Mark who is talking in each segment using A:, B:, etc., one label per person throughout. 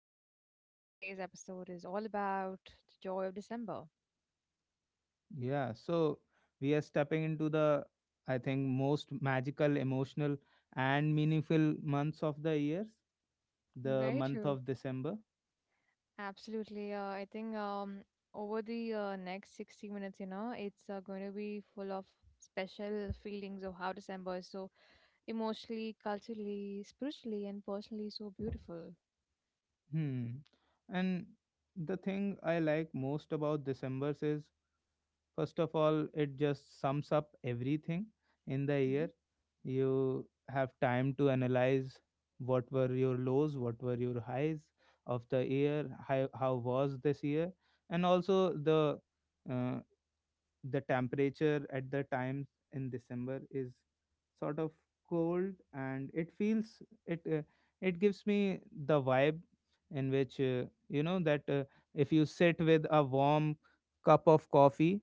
A: that's because today's episode is all about the joy of December.
B: Yeah, so we are stepping into the, I think, most magical, emotional, and meaningful months of the years, the
A: Very
B: month
A: true.
B: of December.
A: Absolutely. I think over the next 60 minutes, it's going to be full of special feelings of how December is so emotionally, culturally, spiritually, and personally so beautiful.
B: Hmm. And the thing I like most about December is, first of all, it just sums up everything in the
A: Mm-hmm.
B: year. You have time to analyze what were your lows, what were your highs of the year, how was this year, and also uh, the temperature at the time in December is sort of cold, and it feels it it gives me the vibe in which that if you sit with a warm cup of coffee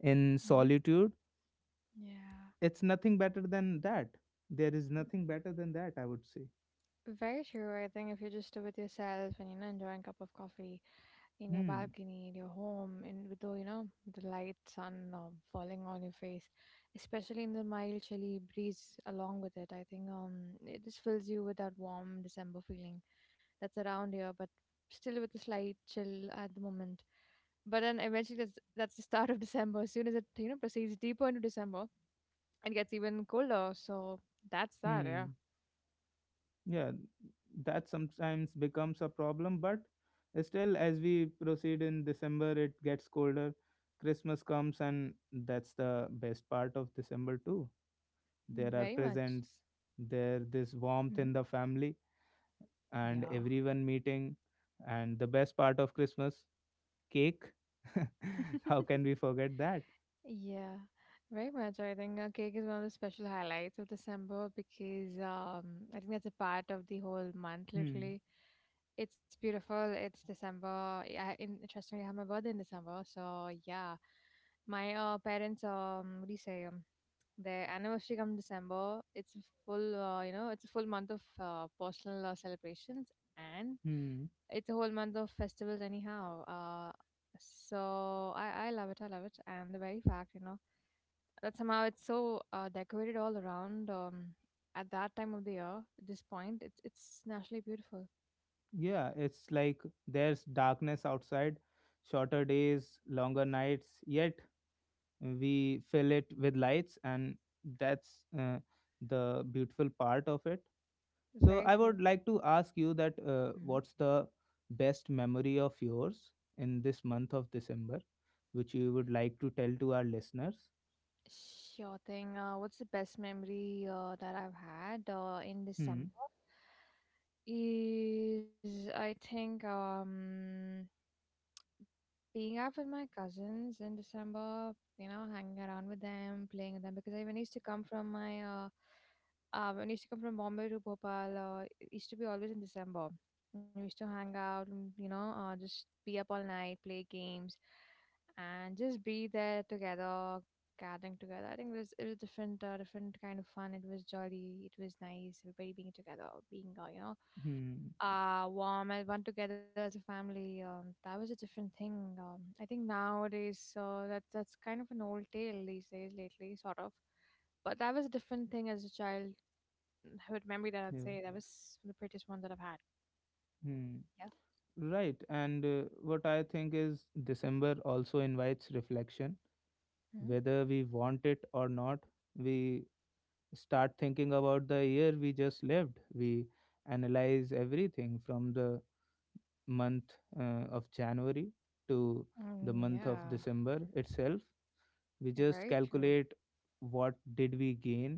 B: in
A: Mm-hmm.
B: solitude,
A: Yeah.
B: it's nothing better than that. There is nothing better than that, I would say.
A: Very true. I think if you just do with yourself and enjoying a cup of coffee in your
B: Hmm.
A: balcony, in your home, and with the the light sun falling on your face, especially in the mild chilly breeze along with it, I think it just fills you with that warm December feeling that's around here, but still with a slight chill at the moment. But then eventually that's the start of December. As soon as it proceeds deeper into December, it gets even colder. So that's that. Yeah,
B: Hmm. Yeah, that sometimes becomes a problem, but still as we proceed in December, it gets colder. Christmas comes, and that's the best part of December too. There are
A: very much.
B: presents, there this warmth in
A: Hmm.
B: the family, and
A: Yeah.
B: everyone meeting, and the best part of Christmas, cake. How can we forget that?
A: Yeah, very much. I think cake is one of the special highlights of December because I think that's a part of the whole month,
B: Hmm.
A: literally. It's beautiful. It's December. Yeah, interestingly, I have my birthday in December. So, yeah, my parents, what do you say, their anniversary comes December. It's a full, it's a full month of personal celebrations, and
B: Hmm.
A: it's a whole month of festivals anyhow, so I love it. I love it. And the very fact, that somehow it's so decorated all around at that time of the year, at this point, it's naturally beautiful.
B: Yeah, it's like there's darkness outside, shorter days, longer nights, yet we fill it with lights, and that's the beautiful part of it. So,
A: Very
B: I
A: true.
B: would like to ask you that
A: Hmm.
B: what's the best memory of yours in this month of December, which you would like to tell to our listeners?
A: Sure thing. What's the best memory that I've had in
B: Hmm.
A: December? Is I think being out with my cousins in December, hanging around with them, playing with them, because I when I used to come from my uh, when I used to come from Bombay to Bhopal, it used to be always in December. We used to hang out, and just be up all night, play games, and just be there together, gathering together. I think it was different, different kind of fun. It was jolly, it was nice. Everybody being together, being
B: Hmm.
A: warm and one together as a family. That was a different thing. I think nowadays that's kind of an old tale these days lately, sort of. But that was a different thing as a child. Childhood memory that I'd
B: Yeah.
A: say that was the prettiest one that I've had.
B: Hmm.
A: Yeah.
B: Right. And what I think is December also invites reflection,
A: Mm-hmm.
B: whether we want it or not, we start thinking about the year we just lived. We analyze everything from the month of January to the
A: Mm,
B: month of
A: yeah.
B: December itself. We
A: Yeah,
B: just
A: very true.
B: calculate what did we gain,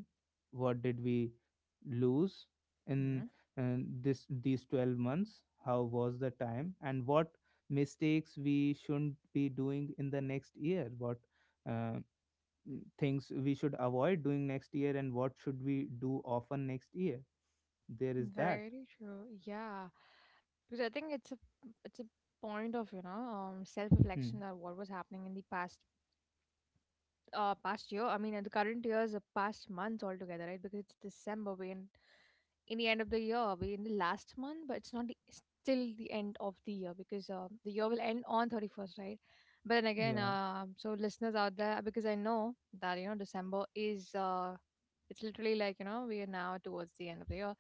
B: what did we lose in
A: Hmm.
B: uh, this these 12 months, how was the time, and what mistakes we shouldn't be doing in the next year, what uh, things we should avoid doing next year, and what should we do often next year. There is that.
A: Very true. Yeah. Because I think it's a point of self reflection
B: Hmm.
A: that what was happening in the past year. The current year is a past month altogether, right? Because it's December, we in the end of the year, we in the last month, but it's not the, still the end of the year because the year will end on 31st, right? but then again
B: Yeah.
A: uh, so listeners out there, because I know that December is it's literally like we are now towards the end of the year,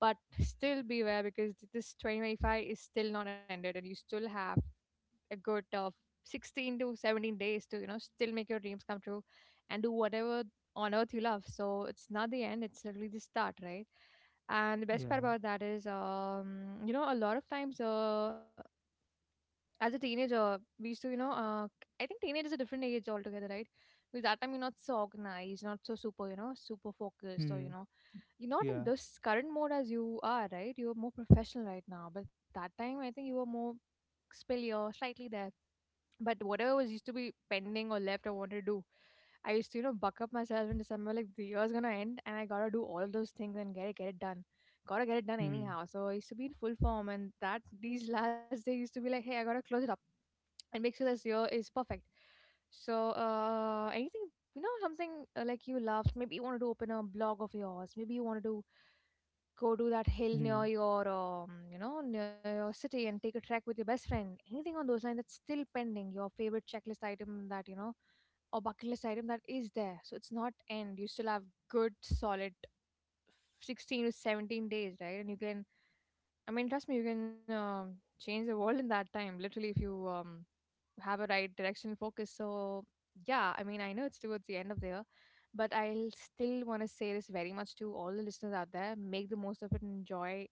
A: but still beware because this 2025 is still not ended, and you still have a good 16 to 17 days to still make your dreams come true and do whatever on earth you love. So it's not the end, it's literally the start, right? And the best part
B: Yeah.
A: about that is a lot of times as a teenager we used to I think teenage is a different age altogether, right? Because that time you're not so organized, not so super, super focused, or
B: Hmm.
A: you're not in
B: Yeah.
A: this current mode as you are, right? You're more professional right now, but that time I think you were more spillier slightly there. But whatever was used to be pending or left I wanted to do, I used to, buck up myself in December, like the year's gonna end and I gotta do all of those things and get it done. Gotta get it done
B: Hmm.
A: anyhow. So I used to be in full form, and that these last days used to be like, hey, I gotta close it up and make sure this year is perfect. So anything something like you loved, maybe you wanted to open a blog of yours, maybe you wanted to go to that hill near
B: Hmm.
A: your near your city and take a trek with your best friend, anything on those lines that's still pending, your favorite checklist item that or bucket list item that is there. So it's not end, you still have good solid 16 to 17 days, right? And you can, I mean, trust me, you can change the world in that time literally, if you um, have a right direction and focus. So, yeah, I mean, I know it's towards the end of the year, but I'll still want to say this very much to all the listeners out there, make the most of it, enjoy,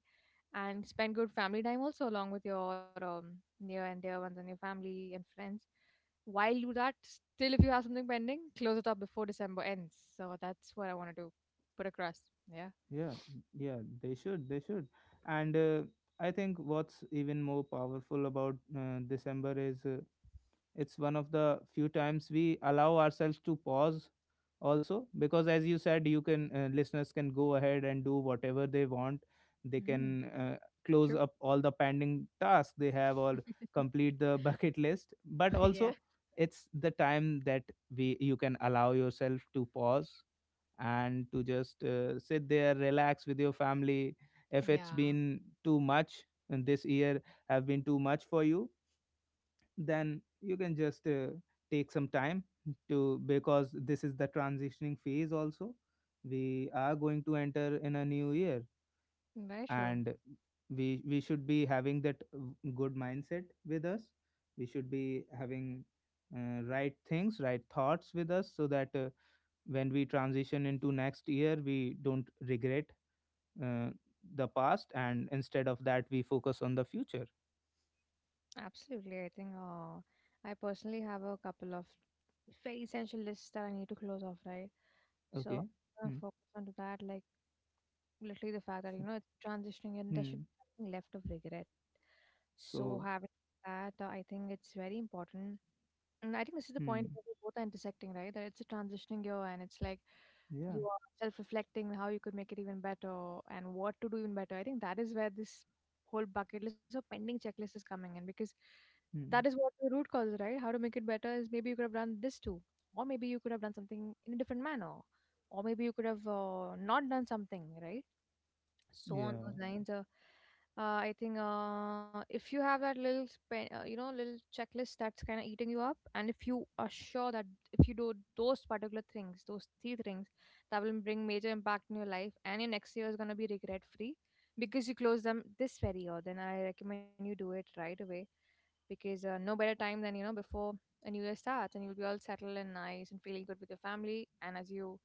A: and spend good family time also, along with your near and dear ones and your family and friends. While you do that, still, if you have something pending, close it up before December ends. So, that's what I wanted to put across. Yeah.
B: Yeah. Yeah, they should, they should. And I think what's even more powerful about December is it's one of the few times we allow ourselves to pause, also because, as you said, you can listeners can go ahead and do whatever they want. They can
A: Mm,
B: close
A: true.
B: up all the pending tasks they have, or complete the bucket list. But
A: Yeah.
B: also, it's the time that we you can allow yourself to pause and to just sit there, relax with your family, if it's
A: Yeah,
B: been too much, and this year have been too much for you, then you can just take some time to, because this is the transitioning phase also. We are going to enter in a new year,
A: very true.
B: and we should be having that good mindset with us. We should be having right things, right thoughts with us so that when we transition into next year, we don't regret uh, the past, and instead of that, we focus on the future.
A: Absolutely. I think I personally have a couple of very essential lists that I need to close off, right? So
B: Okay.
A: I'm gonna
B: Hmm.
A: focus onto that, like literally the fact that it's transitioning and
B: So,
A: there
B: hmm.
A: should be nothing left of regret. So having
B: So,
A: that, I think it's very important. And I think this is the point
B: hmm.
A: where they both are intersecting, right? That it's a transitioning year, and it's like
B: Yeah.
A: you are self reflecting how you could make it even better and what to do even better. I think that is where this whole bucket list or pending checklist is coming in, because that
B: Mm.
A: is what the root cause, is, right? How to make it better is maybe you could have done this too, or maybe you could have done something in a different manner, or maybe you could have not done something, right? So on
B: Yeah.
A: those lines, I think if you have that little, little checklist that's kind of eating you up, and if you are sure that if you do those particular things, those 3 things, that will bring major impact in your life, and your next year is gonna be regret free because you close them this very year. Then I recommend you do it right away because no better time than before a new year starts, and you'll be all settled and nice and feeling good with your family, and as you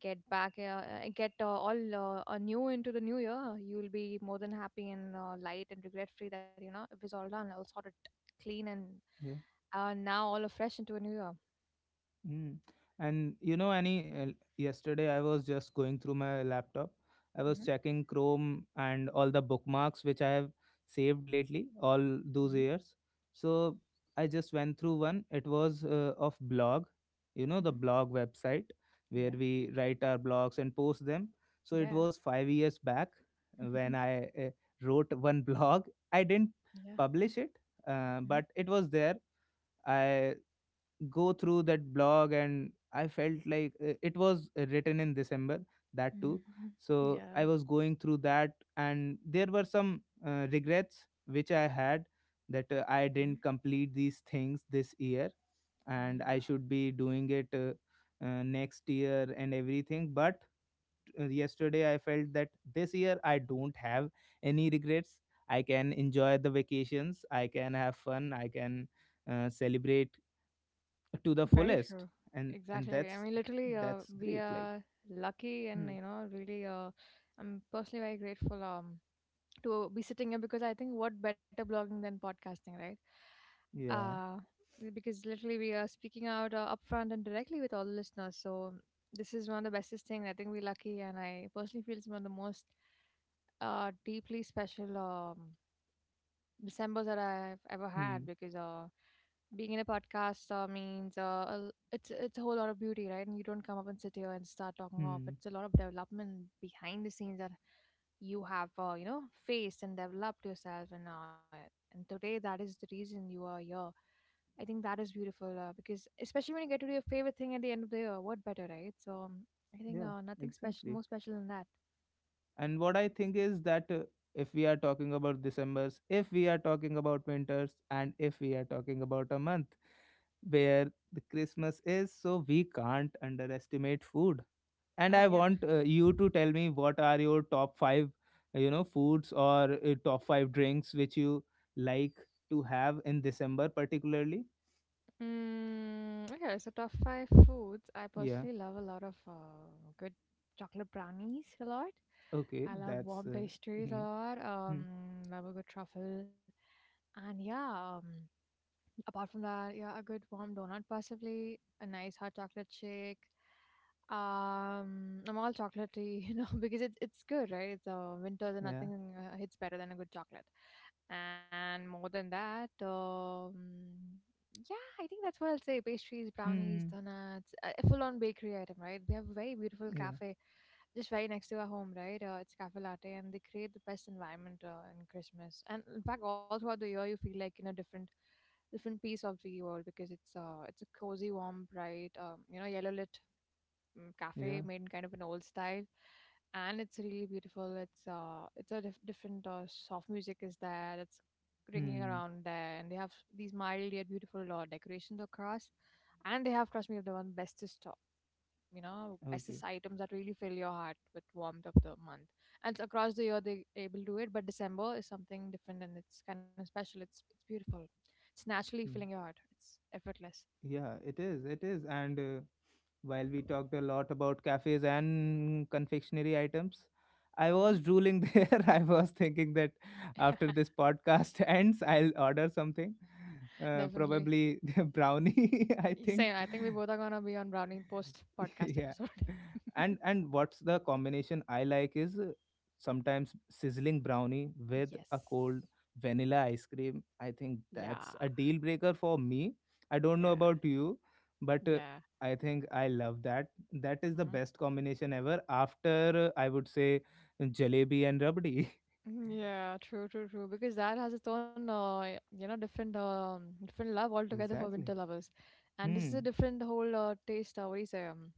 A: get back get all new into the new year, you will be more than happy and light and regret free that it was all done, all sorted, clean, and
B: Yeah.
A: now all are fresh into a new year.
B: Mm. And you know, Annie, yesterday I was just going through my laptop. I was
A: Hmm.
B: checking Chrome and all the bookmarks which I have saved lately, all
A: Hmm.
B: those years. So I just went through one. It was of blog, the
A: Hmm.
B: blog website where
A: Yeah.
B: we write our blogs and post them. So it
A: Yeah.
B: was 5 years back when I wrote one blog. I didn't
A: Yeah.
B: publish it,
A: Hmm.
B: but it was there. I go through that blog and I felt like it was written in December, that too.
A: Hmm.
B: So I
A: Yeah.
B: was going through that, and there were some regrets which I had, that I
A: Mhm.
B: didn't complete these things this year, and I
A: Yeah,
B: should be doing it next year and everything. But yesterday I felt that this year I don't have any regrets. I can enjoy the vacations, I can have fun, I can celebrate to the
A: very true,
B: fullest. And
A: exactly. I
B: that's
A: mean, literally
B: that's
A: we
B: great, like.
A: are lucky, and
B: Hmm.
A: really I'm personally very grateful to be sitting here, because I think what better blogging than podcasting, right?
B: Yeah.
A: Uh, because literally we are speaking out upfront and directly with all the listeners. So this is one of the bestest thing. I think we're lucky, and I personally feel it's one of the most deeply special. Resembles that I've ever had
B: Hmm.
A: because being in a podcast means it's a whole lot of beauty, right? And you don't come up and sit here and start talking off.
B: Hmm.
A: It's a lot of development behind the scenes that you have faced and developed yourself, and and today that is the reason you are here. I think that is beautiful because especially when you get to do your favorite thing at the end of the year, what better, right? So I think
B: Yeah,
A: nothing special,
B: exactly.
A: more special than that.
B: And what I think is that if we are talking about decembers, if we are talking about winters, and if we are talking about a month where the Christmas is, so we can't underestimate food. And
A: Oh
B: I
A: yeah.
B: want you to tell me, what are your top 5 foods, or top 5 drinks which you like to have in December particularly?
A: Mm, okay, so top 5 foods. I
B: Yeah.
A: personally love a lot of good chocolate brownies a lot.
B: Okay,
A: I love
B: that's
A: warm pastries a
B: mm,
A: lot.
B: mm,
A: Love a good truffle, and yeah. Apart from that, yeah, a good warm donut, possibly a nice hot chocolate shake. I'm all chocolatey, you know, because it's good, right? It's winters and
B: yeah,
A: nothing hits better than a good chocolate. And more than that, yeah, I think that's what I'll say. Pastries, brownies,
B: mm,
A: donuts, a full-on bakery item, right? We have a very beautiful
B: yeah,
A: cafe just right next to our home, right? It's Cafe Latte, and they create the best environment in Christmas. And in fact, all throughout the year, you feel like you know different different piece of the world because it's a cozy, warm, bright, you know, yellow lit
B: yeah,
A: cafe made in kind of an old style, and it's really beautiful. It's a different soft music is there that's ringing
B: mm,
A: around there, and they have these mild yet beautiful decorations across, and they have trust me the one bestest you know
B: okay,
A: SS items that really fill your heart with warmth of the month. And it's across the year they able to do it, but December is something different and it's kind of special. It's beautiful. It's naturally filling
B: mm.
A: your heart. It's effortless.
B: Yeah. It is, it is. And while we talked a lot about cafes and confectionery items, I
A: Mhm.
B: was drooling there. I was thinking that after this podcast ends, I'll order something,
A: Definitely.
B: probably brownie. I think.
A: Same. I think we both are gonna be on Browning post podcast
B: Yeah.
A: episode.
B: And what's the combination I like is, sometimes sizzling brownie with
A: Yes.
B: a cold vanilla ice cream. I think
A: Yeah.
B: that's a deal breaker for me. I don't
A: Yeah.
B: know about you, but
A: Yeah.
B: I think I love that. That is the
A: Mhm.
B: best combination ever, after I would say, jalebi and rabdi.
A: Mm, yeah, true, true, true. Because that has its own, you know, different, different love altogether for winter
B: Exactly.
A: lovers, and this is a
B: Hmm.
A: different whole taste. What do you say? Um,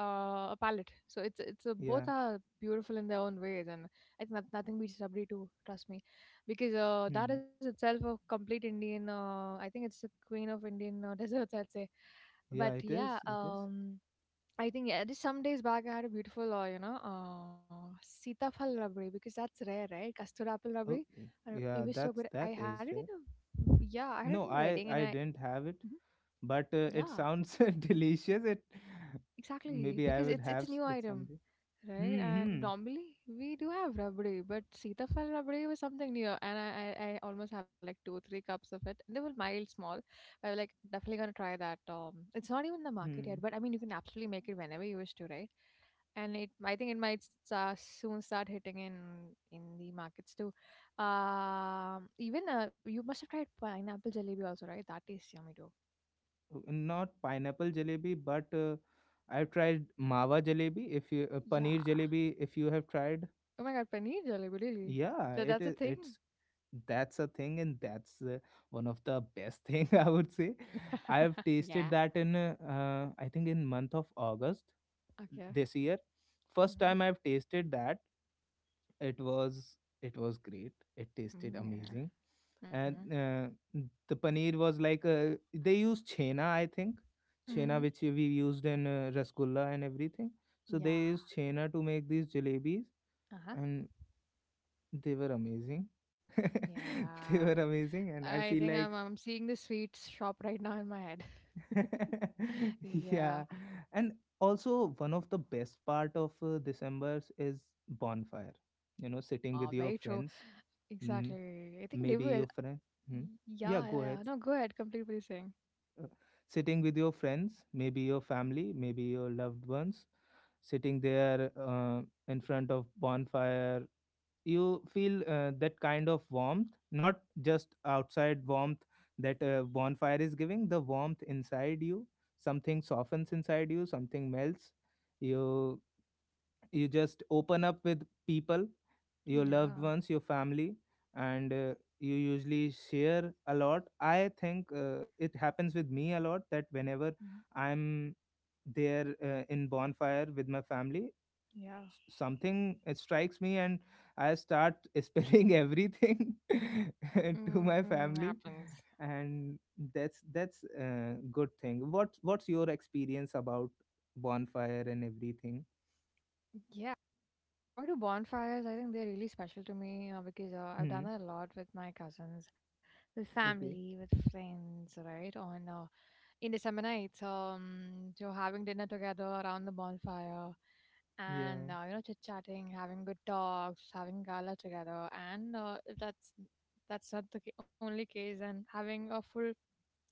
A: uh, A palette. So it's
B: Yeah.
A: both are beautiful in their own ways, and I think that nothing beats Rabri too. Trust me, because that is
B: Hmm.
A: itself a complete Indian. I think it's the queen of Indian desserts, I'd say.
B: Yeah,
A: But
B: it
A: yeah,
B: is, it is.
A: I think yeah, just some days back I had a beautiful, you know, sitafal rabri because that's rare, right? Custard apple rabri.
B: Okay.
A: And it
B: Yeah,
A: was so good.
B: that's
A: I
B: that
A: had it
B: is
A: in
B: rare.
A: a, yeah, I had it in
B: No,
A: a wedding
B: i i didn't have it,
A: Mhm.
B: but it
A: Yeah,
B: sounds delicious. It,
A: exactly,
B: maybe I
A: because
B: would
A: it's
B: have
A: a new
B: it
A: item,
B: someday.
A: right?
B: Hmm.
A: And
B: Hmm.
A: normally we do have rabdi, but sitafal rabdi was something new, and I almost had like 2 3 cups of it. And they were mild, small. But I was like definitely gonna try that. It's not even in the market yet,
B: Hmm.
A: but I mean you can absolutely make it whenever you wish to, right? And it I think it might soon start hitting in the markets too. Even you must have tried pineapple jalebi also, right? That tastes yummy too.
B: Not pineapple jalebi, but I've tried mawa jalebi. If you Paneer
A: Yeah.
B: jalebi, if you have tried.
A: Oh my god, paneer jalebi, really?
B: Yeah,
A: That
B: it
A: that's a
B: is.
A: thing?
B: It's That's a thing, and that's one of the best thing, I would say. I have
A: Yeah.
B: tasted that in I think in month of August
A: Okay.
B: this year. First
A: Mm-hmm.
B: time I've tasted that, it was it was great, it tasted
A: Yeah.
B: amazing.
A: Mm-hmm.
B: And the paneer was like, they used chhena, I think, chhena
A: Mm-hmm.
B: which we used in rasgulla and everything. So they
A: Yeah.
B: used chhena to make these jalebis,
A: Uh-huh.
B: and they were amazing. They
A: Yeah.
B: were amazing, and
A: I
B: I
A: think
B: feel
A: I'm
B: like.
A: I'm seeing the sweets shop right now in my head. Yeah.
B: Yeah. And also, one of the best part of December's is bonfire, sitting with
A: Ah,
B: your
A: very true.
B: friends. Mm.
A: Exactly. I think
B: Maybe
A: Devu. Is.
B: your friend. Hmm?
A: Yeah, yeah,
B: Yeah,
A: yeah.
B: go
A: No,
B: ahead.
A: go ahead. Complete what you're saying.
B: Sitting with your friends, maybe your family, maybe your loved ones, sitting there in front of bonfire, you feel that kind of warmth, not just outside warmth that bonfire is giving, the warmth inside you. Something softens inside you, something melts. You you just open up with people, your loved
A: Yeah.
B: ones, your family. And you usually share a lot, I think it happens with me a lot, that whenever
A: Mm-hmm.
B: I'm there in bonfire with my family,
A: Yeah.
B: something strikes me, and I start spilling everything to my
A: Mm,
B: family.
A: happens.
B: And that's a good thing. What's your experience about bonfire and everything?
A: Yeah. Coming to bonfires, I think they're really special to me because I've
B: Hmm.
A: done that a lot with my cousins, with family,
B: Okay.
A: with friends, right? On in December nights, so having dinner together around the bonfire,
B: Yeah.
A: and you know, chit chatting, having good talks, having gala together, and if that's that's not the only case, and having a full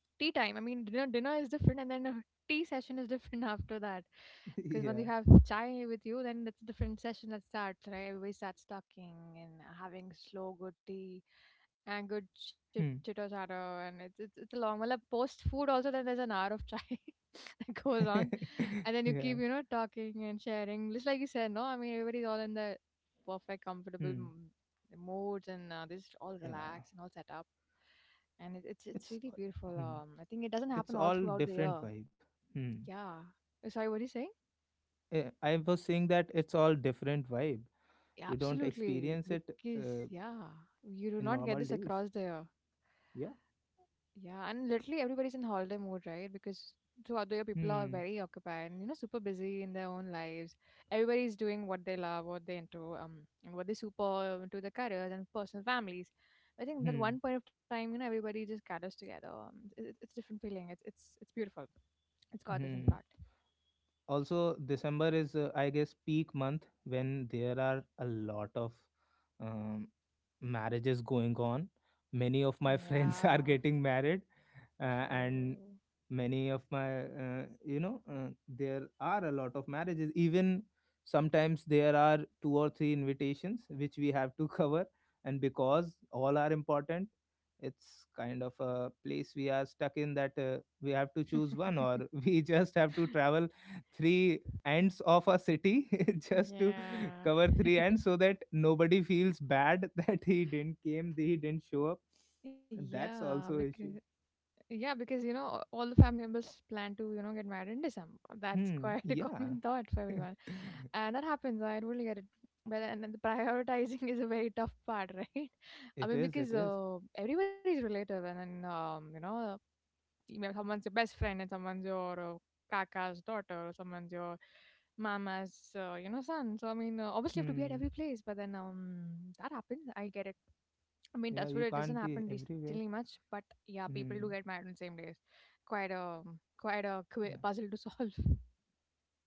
A: tea time. I mean, dinner dinner is different, and then a tea session is different after that. Because once
B: Yeah.
A: you have chai with you, then it's a different session that starts, right? Everybody starts talking and having slow, good tea and good chit
B: Hmm.
A: chitto chatter and it's a long well post food also then there's an hour of chai that goes on and then you
B: Yeah.
A: keep you know talking and sharing just like you said no I mean everybody's all in the perfect comfortable
B: Hmm.
A: moods and this all
B: Yeah.
A: relaxed and all set up and it's really
B: It's.
A: beautiful
B: Hmm.
A: I think it doesn't happen
B: It's
A: all
B: all
A: throughout the year.
B: different vibe. Hmm.
A: Yeah. Sorry what are you saying?
B: Eh, I was saying that it's all different vibe.
A: Yeah,
B: You don't
A: absolutely
B: experience it
A: because
B: uh,
A: yeah you do
B: in
A: not get
B: normal
A: this
B: days.
A: across the year.
B: Yeah.
A: Yeah, and literally everybody's in holiday mode, right? Because throughout the year, people are
B: Hmm.
A: very occupied and, you know, super busy in their own lives. Everybody's doing what they love, what they into, and what they super into their careers and personal families. I think that
B: Hmm.
A: one point of time, you know, everybody just gathers together. It's a different feeling. It's beautiful. It's gorgeous, in
B: Hmm.
A: fact.
B: Also, December is I guess peak month when there are a lot of um, marriages going on. Many of my friends
A: Yeah,
B: are getting married, and
A: true.
B: many of my you know there are a lot of marriages. Even sometimes there are two or three invitations which we have to cover, and because all are important, it's kind of a place we are stuck in, that we have to choose one, or we just have to travel three ends of a city just to
A: Yeah.
B: cover three ends, so that nobody feels bad that he didn't came, he didn't show up. That's
A: Yeah,
B: also
A: because
B: issue.
A: yeah, because you know all the family members plan to you know get married in December. That's
B: Hmm.
A: quite a
B: Yeah.
A: common thought for everyone, and that happens. I really get it. But then the prioritizing is a very tough part, right? I
B: It
A: mean,
B: is, it
A: because
B: is.
A: everybody's relative, and then you know, someone's your best friend, and someone's your kaka's daughter, or someone's your mama's, you know, son. So I mean, obviously you have to be at
B: Hmm.
A: every place. But then that happens. I get it. I mean,
B: Yeah,
A: that's wood,
B: you
A: it doesn't
B: can't be
A: happen recently
B: everywhere.
A: much, but yeah, people do get
B: Hmm.
A: married on same days. Quite a quite a
B: Yeah.
A: puzzle to solve.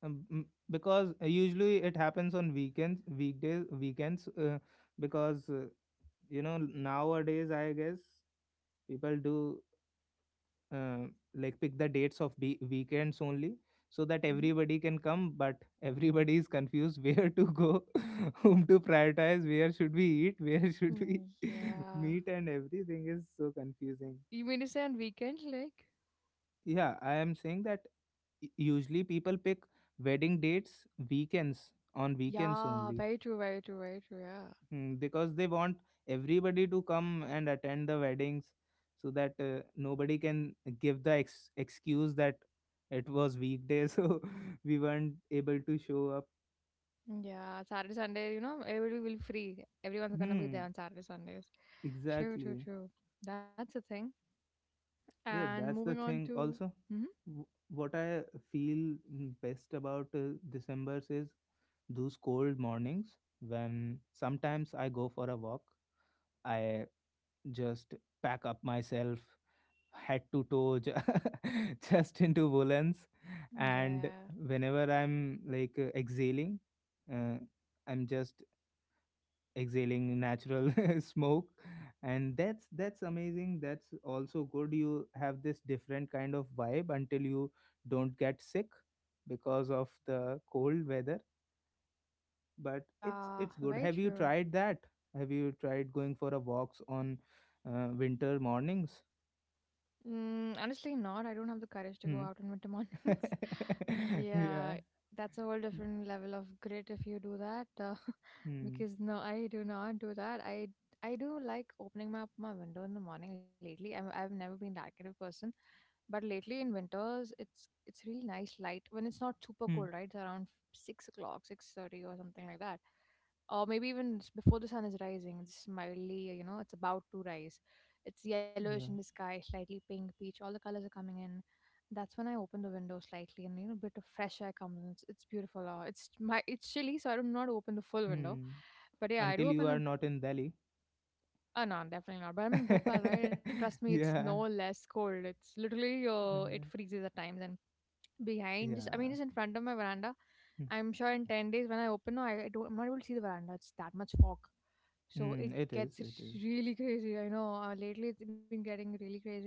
B: Because usually it happens on weekends, weekdays, weekends, because nowadays, I guess people do uh, like pick the dates of weekends only, so that
A: Hmm.
B: everybody can come, but everybody is confused where to go, whom to prioritize, where should we eat, where should we
A: Mm, yeah.
B: meet, and everything is so confusing.
A: You mean to say on weekends, like?
B: Yeah, I am saying that usually people pick wedding dates, weekends, on weekends
A: Yeah,
B: only.
A: very true, very true, very true. Yeah,
B: Mm, because they want everybody to come and attend the weddings so that nobody can give the excuse that it was weekday, so we weren't able to show up.
A: mm, yeah. Saturday, Sunday, you know, everybody will be free. Everyone's gonna be there
B: Hmm.
A: on Saturday, Sundays. True, true,
B: Exactly.
A: true. That's the thing.
B: Yeah,
A: And
B: that's
A: moving
B: the
A: on
B: thing
A: to,
B: also.
A: hmm
B: What I feel best about December is those cold mornings when sometimes I go for a walk. I just pack up myself head to toe just into woolens, and
A: yeah,
B: whenever I'm like, exhaling, uh, I'm just exhaling natural smoke, and that's amazing. That's also Good, you have this different kind of vibe until you don't get sick because of the cold weather, but it's
A: yeah,
B: it's good.
A: very
B: Have you
A: true.
B: tried that? Have you tried going for a walks on winter mornings?
A: Mm, honestly, not. I don't have the courage to go
B: Hmm.
A: out on winter mornings.
B: Yeah.
A: Yeah, that's a whole different level of grit if you do that.
B: Hmm.
A: Because no, I do not do that. I do like opening my window in the morning lately. I've never been that kind of person, but lately in winters, it's really nice light when it's not super
B: Hmm.
A: cold, right? It's around 6 o'clock, 6:30, or something like that, or maybe even before the sun is rising. It's mildly, you know, it's about to rise. It's yellowish in the
B: Yeah.
A: sky, slightly pink, peach. All the colors are coming in, that's when I open the window slightly and you know a bit of fresh air comes in. It's beautiful. It's my it's chilly, so I do not open the full window.
B: Hmm.
A: But yeah, I
B: Until
A: do
B: you are
A: open
B: not in Delhi.
A: a no, definitely not. But I'm in Bhopal, right? And trust me, it's no
B: Yeah.
A: less cold. It's literally
B: Uh,
A: it freezes at times and behind just I mean
B: yeah.
A: just in front of my veranda
B: Hmm.
A: I'm sure in 10 days when I open no, I don't I'm not able to see the veranda it's that much fog so it
B: Hmm. It is.
A: gets
B: It is.
A: really crazy. I know lately it's been getting really crazy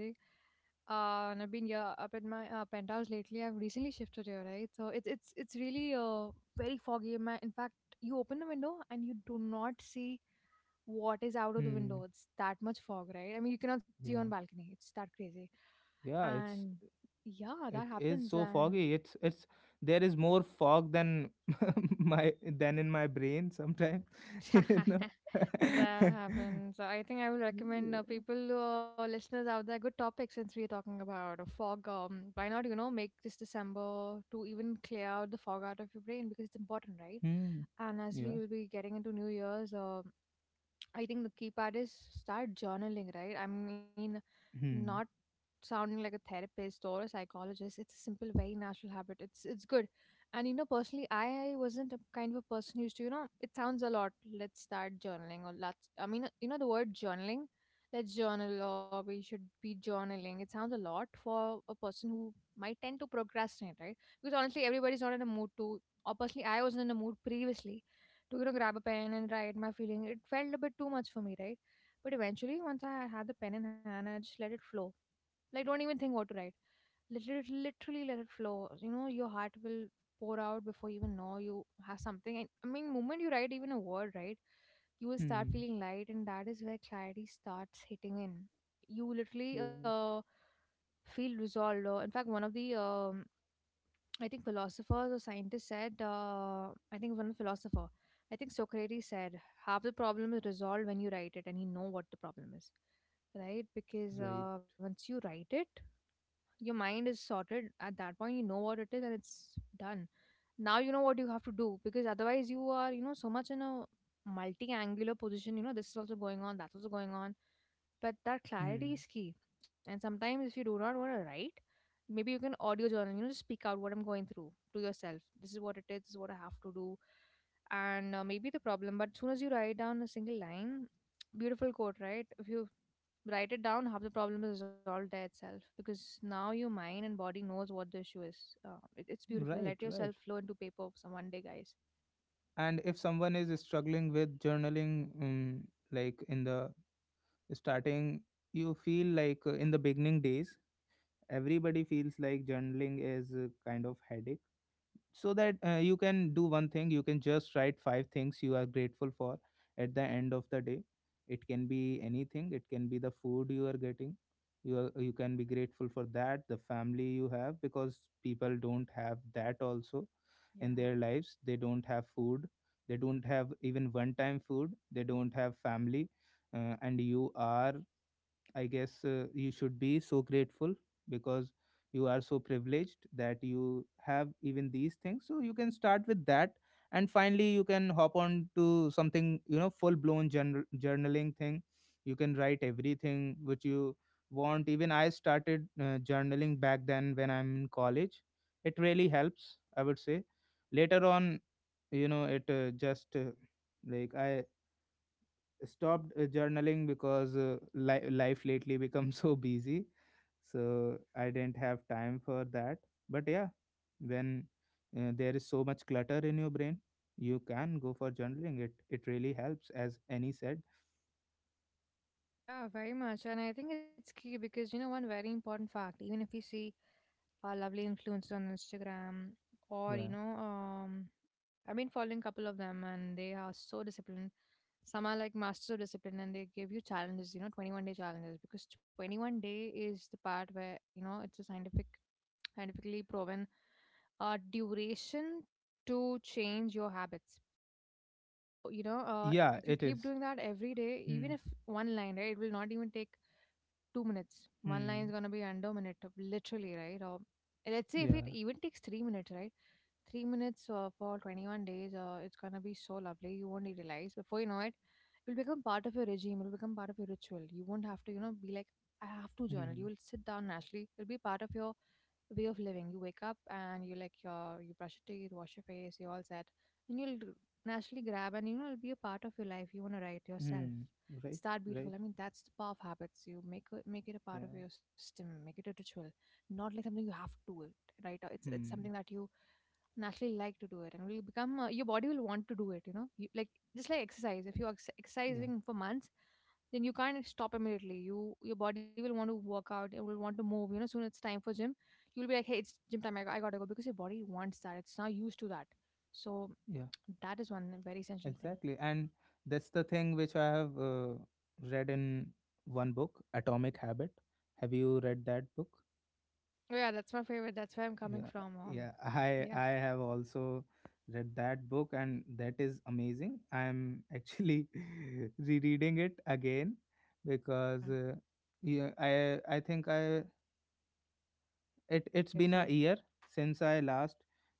A: and I've been yeah up at my penthouse lately I've recently shifted here right so it's really very foggy my in fact you open the window and you do not see what is out of the window
B: Hmm.
A: it's that much fog right I mean you cannot see on
B: Yeah.
A: balcony it's that crazy
B: Yeah.
A: and
B: It's.
A: yeah that
B: It is
A: happens
B: so
A: and
B: foggy. It's. It's. There is more fog than my than in my brain sometimes. you know.
A: that happens. So, I think I would recommend
B: Yeah.
A: people, listeners out there, good topic since we are talking about a fog. Why not, you know, make this December to even clear out the fog out of your brain because it's important, right?
B: Hmm.
A: And as we
B: Yeah.
A: will be getting into New Year's, I think the key part is start journaling, right? I mean, not
B: Hmm.
A: sounding like a therapist or a psychologist. It's a simple, very natural habit. It's good. And you know, personally, I wasn't a kind of a person who used to, you know, it sounds a lot. Let's start journaling or let's. I mean, you know, the word journaling. Let's journal or we should be journaling. It sounds a lot for a person who might tend to procrastinate, right? Because honestly, everybody's not in a mood to. Or personally, I wasn't in a mood previously to you know grab a pen and write my feeling it felt a bit too much for me right but eventually once I had the pen in hand I just let it flow like don't even think what to write literally, literally let it flow you know your heart will pour out before you even know you have something and I mean moment you write even a word right you will start
B: Hmm.
A: feeling light and that is where clarity starts hitting in. You literally
B: Yeah.
A: feel resolved in fact one of the I think philosophers or scientists said, I think one philosopher, I think Socrates said, half the problem is resolved when you write it and you know what the problem is, right? Because
B: Right.
A: once you write it, your mind is sorted. At that point, you know what it is and it's done. Now you know what you have to do, because otherwise you are, so much in a multi angular position. This is also going on, that's also going on, but that
B: Hmm.
A: clarity is key. And sometimes, if you do not want to write, maybe you can audio journal. Just speak out what I'm going through to yourself. This is what it is, this is what I have to do. And maybe the problem. But soon as you write down a single line, beautiful quote, right? If you write it down, half the problem is resolved there itself, because now your mind and body knows what the issue is. It's beautiful.
B: Right.
A: Let
B: Right.
A: yourself flow into paper some one day, guys.
B: And if someone is struggling with journaling, like in the starting, you feel like, in the beginning days everybody feels like journaling is a kind of headache. So that, you can do one thing. You can just write five things you are grateful for at the end of the day. It can be anything. It can be the food you are getting. You can be grateful for that, the family you have, because people don't have that also in
A: Yeah,
B: their lives. They don't have food. They don't have even one time food. They don't have family. And you are, I guess, you should be so grateful, because you are so privileged that you have even these things. So you can start with that, and finally you can hop on to something, you know, full blown journaling thing. You can write everything which you want. Even I started journaling back then when I'm in college. It really helps, I would say. Later on, you know, it just like I stopped journaling because life lately become so busy, so I didn't have time for that. But yeah, when, there is so much clutter in your brain, you can go for journaling. It really helps, as Annie said.
A: yeah, very much. And I think it's key, because one very important fact. Even if we see lovely influencers on Instagram, or,
B: Yeah,
A: I've been following a couple of them, and they are so disciplined. Some are like masters of discipline, and they give you challenges, 21-day challenges, because 21 day is the part where it's a scientifically proven duration to change your habits. So,
B: yeah,
A: if you
B: it
A: keep
B: is.
A: doing that every day, even
B: Hmm.
A: if one line, right, it will not even take 2 minutes. One line is going to
B: Hmm.
A: be under a minute, literally, right? Or let's say if it
B: Yeah.
A: even takes 3 minutes, right? 3 minutes for 21 days, it's going to be so lovely. You won't realize. Before you know it, it will become part of your regime. It will become part of your ritual. You won't have to, be like, I have to journal. You will
B: Hmm.
A: sit down naturally. It will be part of your way of living. You wake up and you brush your teeth, wash your face, you're all set, and you'll naturally grab and it'll be a part of your life. You want to write yourself.
B: Hmm.
A: It's
B: Right,
A: that beautiful.
B: right.
A: I mean, that's the power of habits. You make it a part of
B: Yeah.
A: your system. Make it a ritual, not like something you have to do it, right. It's
B: Hmm.
A: something that you naturally like to do it, and will become your body will want to do it. You know you, like Just like exercise, if you're
B: Yeah.
A: exercising for months, then you can't stop immediately. Your body will want to work out, it will want to move. Soon it's time for gym. You'll be like, hey, it's gym time, I gotta go, because your body wants that, it's not used to that. So
B: Yeah.
A: that is one very essential thing.
B: Exactly. And that's the thing which I have, read in one book, Atomic Habit. Have you read that book?
A: Oh, yeah, that's my favorite. That's where I'm coming
B: Yeah.
A: from.
B: Yeah. I
A: Yeah,
B: I have also read that book and that is amazing. I'm actually rereading it again, because,
A: yeah,
B: yeah, I think I, it,
A: it's
B: it's been a
A: beautiful,
B: year since I last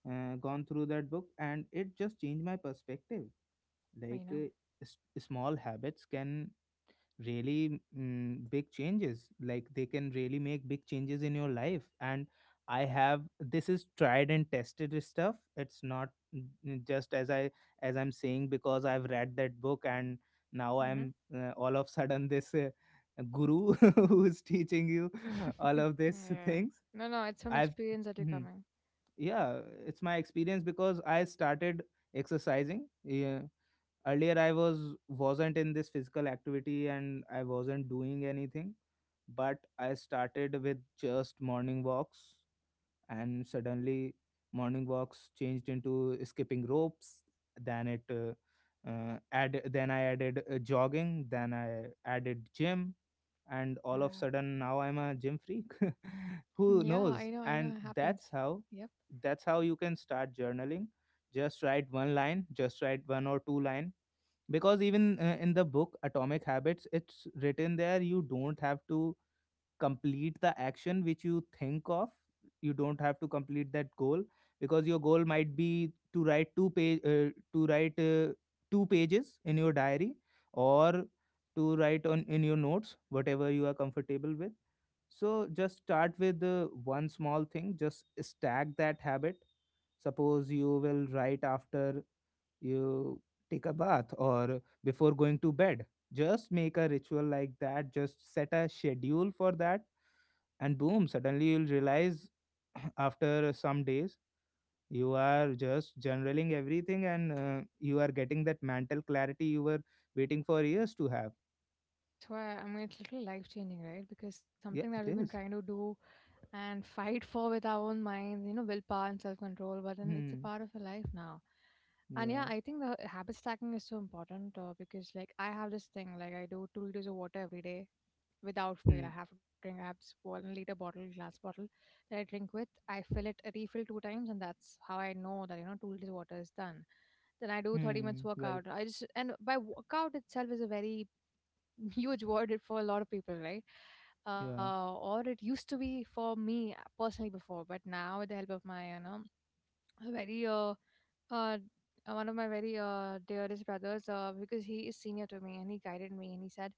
B: gone through that book and it just changed my perspective. Like,
A: you know
B: small habits can really, mm, big changes, like they can really make big changes in your life. And I have this, is tried and tested stuff. It's not, n- just as I, as I'm saying, because I've read that book and now I'm, all of sudden this, guru who's teaching you all
A: mm-hmm.
B: of these
A: Yeah.
B: things.
A: No, no, it's from
B: I've
A: experience that you're
B: Mhm.
A: coming.
B: Yeah, it's my experience because I started exercising. Yeah. Earlier I was, wasn't in this physical activity and I wasn't doing anything, but
A: Mhm.
B: I started with just morning walks. And suddenly morning walks changed into skipping ropes. Then it add then I added jogging, then I added gym, and all of
A: Yeah.
B: sudden now I'm a gym freak.
A: Yeah,
B: Who knows.
A: I know, it
B: And
A: happens.
B: that's how,
A: Yep.
B: that's how you can start journaling. Just write one line, just write one or two line, because even, in the book Atomic Habits, it's written there: you don't have to complete the action which you think of. You don't have to complete that goal, because your goal might be to write two page, to write two pages in your diary, or to write on in your notes, whatever you are comfortable with. So just start with, one small thing. Just stack that habit. Suppose you will write after you take a bath, or before going to bed. Just make a ritual like that, just set a schedule for that, and boom, suddenly you'll realize, after some days, you are just generaling everything, and, you are getting that mental clarity you were waiting for years to have.
A: I swear, I mean, it's literally life changing, right? Because something that
B: Yeah,
A: we've been
B: it
A: trying
B: is.
A: to do and fight for with our own minds, willpower and self control, but then it's a
B: Hmm.
A: part of your life now. And yeah,
B: Yeah.
A: I think the habit stacking is so important because, like, I have this thing, like, I do 2 liters of water every day without fail. I
B: Hmm.
A: have to drink, I have this 1 liter bottle, glass bottle that I drink with. I fill it, refill two times, and that's how I know that, 2 liters of water is done. Then I do 30 minutes
B: Hmm. Right.
A: workout. I just and by workout itself is a very huge word, it, for a lot of people, right.
B: Yeah.
A: Or it used to be for me, personally, before. But now, with the help of my you know a very uh one of my very dearest brothers, because he is senior to me, and he guided me, and he said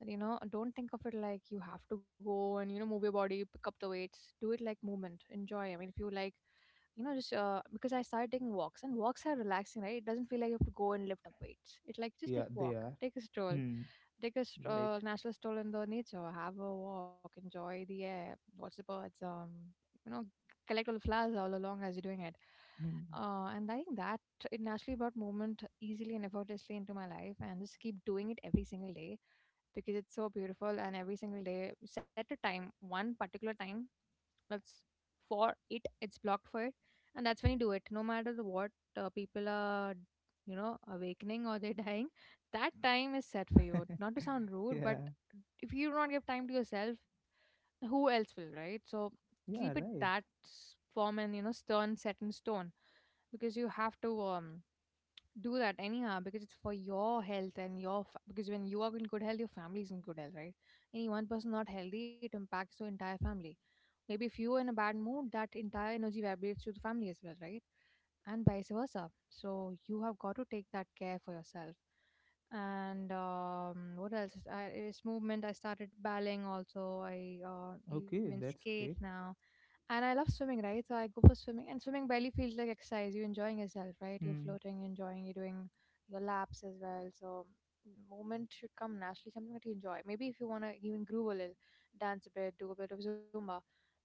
A: that, don't think of it like you have to go and move your body, pick up the weights, do it like movement, enjoy. I mean, if you like, just, because I started taking walks, and walks are relaxing, right? It doesn't feel like you have to go and lift up weights. It, like, just
B: Yeah,
A: take a
B: they
A: walk,
B: are.
A: take a stroll,
B: Hmm.
A: take a
B: Right.
A: natural stroll in the nature, have a walk, enjoy the air, watch the birds, um, you know collect all the flowers all along as you're doing it.
B: Hmm.
A: And I think that it naturally brought movement easily and effortlessly into my life. And just keep doing it every single day, because it's so beautiful. And every single day, set a time, one particular time, that's, for it, it's blocked for it. And that's when you do it, no matter the what, people are, awakening or they're dying. That time is set for you. Not to sound rude,
B: Yeah.
A: but if you do not give time to yourself, who else will, right? So keep it
B: Yeah. Right.
A: that form, and, stern, set in stone. Because you have to, do that anyhow, because it's for your health and your because when you are in good health, your family is in good health, right? Any one person not healthy, it impacts the entire family. Maybe if you were in a bad mood, that entire energy vibrates to the family as well, right? And vice versa. So you have got to take that care for yourself. And what else? I, it's movement. I started balling also. I even
B: Okay, that's
A: skate
B: great.
A: now. And I love swimming, right? So I go for swimming, and swimming barely feels like exercise. You're enjoying yourself, right? You're
B: Hmm.
A: floating, you're enjoying, you're doing your laps as well. So movement should come naturally, something that you enjoy. Maybe if you wanna even groove a little, dance a bit, do a bit of Zumba,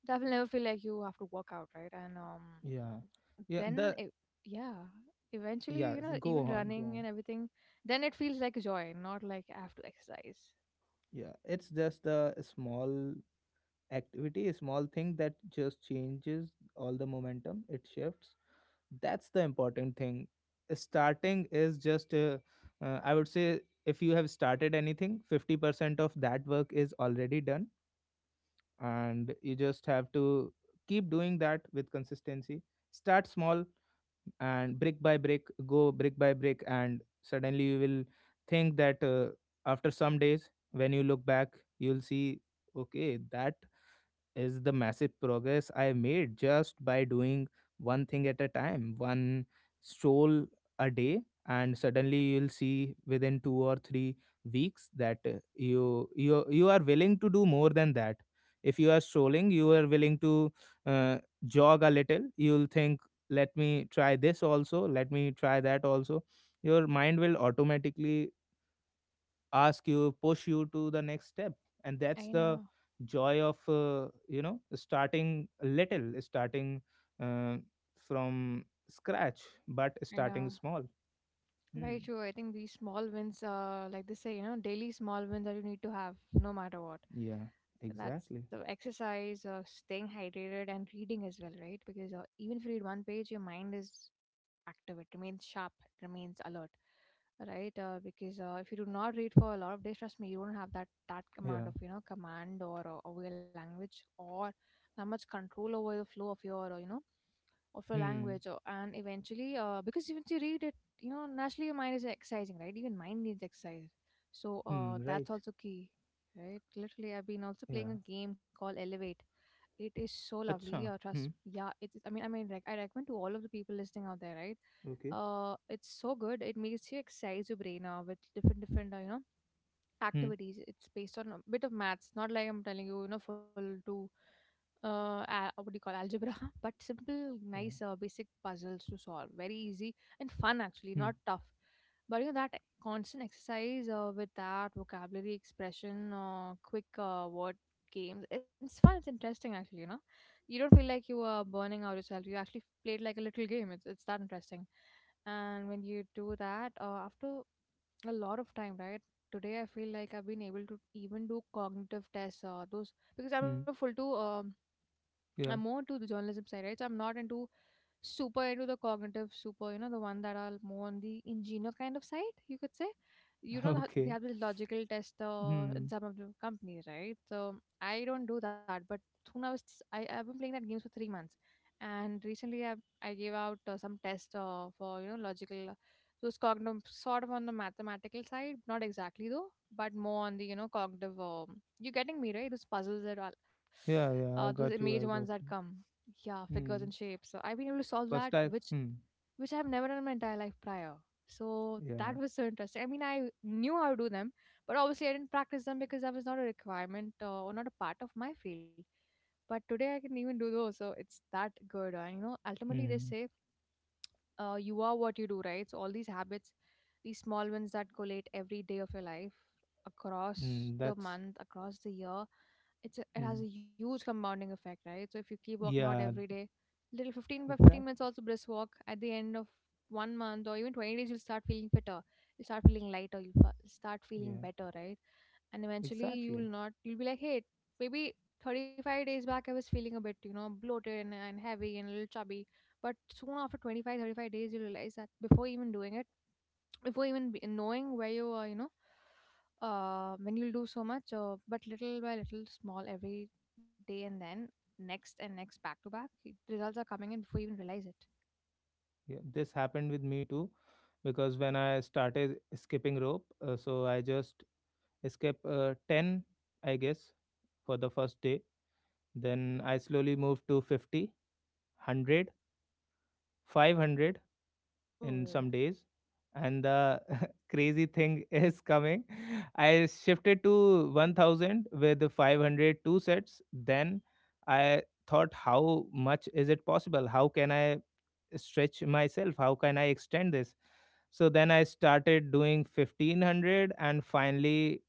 A: that will never feel like you have to work out, right? And
B: Yeah. Yeah,
A: then
B: the,
A: it, yeah, eventually,
B: yeah, go
A: even
B: on, go
A: running
B: on.
A: and everything, then it feels like joy, not like I have to exercise.
B: Yeah, it's just a small activity, a small thing that just changes all the momentum, it shifts. That's the important thing. Starting is just, I would say, if you have started anything, 50% of that work is already done, and you just have to keep doing that with consistency. Start small, and brick by brick, go brick by brick, and suddenly you will think that, after some days, when you look back, you'll see, okay, that is the massive progress I made just by doing one thing at a time, one stroll a day. And suddenly you'll see within 2 or 3 weeks that, you, you are willing to do more than that. If you are strolling, you are willing to, uh, jog a little. You'll think, let me try this also, let me try that also. Your mind will automatically ask you, push you to the next step, and
A: I
B: that's the
A: know,
B: joy of, you know, starting little, starting, uh, from scratch, but
A: I
B: starting
A: know.
B: small. Hmm.
A: Very true. I think these small wins, like they say, daily small wins that you need to have no matter what.
B: Yeah,
A: That's
B: exactly.
A: exercise, staying hydrated, and reading as well, right? Because even if you read one page, your mind is active, it remains sharp, it remains alert, right? Because if you do not read for a lot of days, trust me, you don't have that, amount
B: Yeah.
A: of, command or over your language, or that much control over the flow of your of your
B: Hmm.
A: language, or, and eventually because once you read it, naturally your mind is exercising, right? Even mind needs exercise. So
B: Hmm.
A: that's
B: Right.
A: also key, right? Literally, I've been also playing
B: Yeah.
A: a game called Elevate. It is so lovely.
B: Acha.
A: Trust,
B: Hmm.
A: yeah, I mean, like, I recommend to all of the people listening out there, right?
B: Okay.
A: It's so good. It makes you exercise your brain with different different
B: Hmm.
A: activities. It's based on a bit of maths, not like I'm telling you, full to what do you call, algebra, but simple,
B: Yeah.
A: nice, basic puzzles to solve. Very easy and fun, actually,
B: Hmm.
A: not tough. But you know that constant exercise with that vocabulary expression, quick word games. It's fun. It's interesting, actually. You know, you don't feel like you are burning out yourself. You actually played like a little game. It's that interesting. And when you do that, after a lot of time, right? Today I feel like I've been able to even do cognitive tests, those, because I'm a
B: Hmm.
A: full to, I'm
B: Yeah.
A: more to the journalism side, right? So I'm not into, super into the cognitive super, the one that are more on the engineer kind of side, you could say. You know, they
B: Okay.
A: have this logical tester in
B: Hmm.
A: some of the companies, right? So I don't do that. But soon I was, I've been playing that games for 3 months. And recently I gave out some test for, logical, those cognitive, sort of on the mathematical side, not exactly though, but more on the, cognitive, you're getting me, right? Those puzzles and all
B: Yeah. Yeah,
A: those
B: I got
A: image
B: you,
A: ones
B: I
A: that
B: got you.
A: come. Yeah, figures and
B: Hmm.
A: shapes. So I've been able to solve that,
B: First I,
A: which
B: hmm.
A: which I've never done in my entire life prior. So that
B: Yeah.
A: was so interesting. I mean, I knew how to do them, but obviously I didn't practice them because that was not a requirement or not a part of my field. But today I can even do those, so it's that good. And you know, ultimately they
B: Hmm.
A: say, you are what you do, right? So all these habits, these small ones that collate every day of your life across
B: Hmm.
A: the
B: That's,
A: month, across the year, it has a
B: hmm.
A: huge compounding effect, right? So if you keep working out every
B: Yeah.
A: day, little 15 by 15 minutes
B: Exactly.
A: also brisk walk at the end of 1 month or even 20 days, you'll start feeling fitter. You'll start feeling lighter. Start feeling
B: Yeah,
A: better, right? And eventually
B: exactly.
A: you'll not, you'll be like, hey, maybe 35 days back, I was feeling a bit, you know, bloated and heavy and a little chubby. But soon after 25 to 35 days, you realize that before even doing it, knowing where you are, you know, when you'll do so much, but little by little, small every day and then next and next back to back, results are coming in before you even realize it.
B: Yeah, this happened with me too, because when I started skipping rope, so I just skip, 10, I guess, for the first day. Then I slowly moved to 50, 100, 500, in
A: Cool.
B: some days. And the crazy thing is coming. I shifted to 1000 with the 500 sets. Then I thought, how much is it possible, how can I stretch myself, how can I extend this? So then I started doing 1500, and finally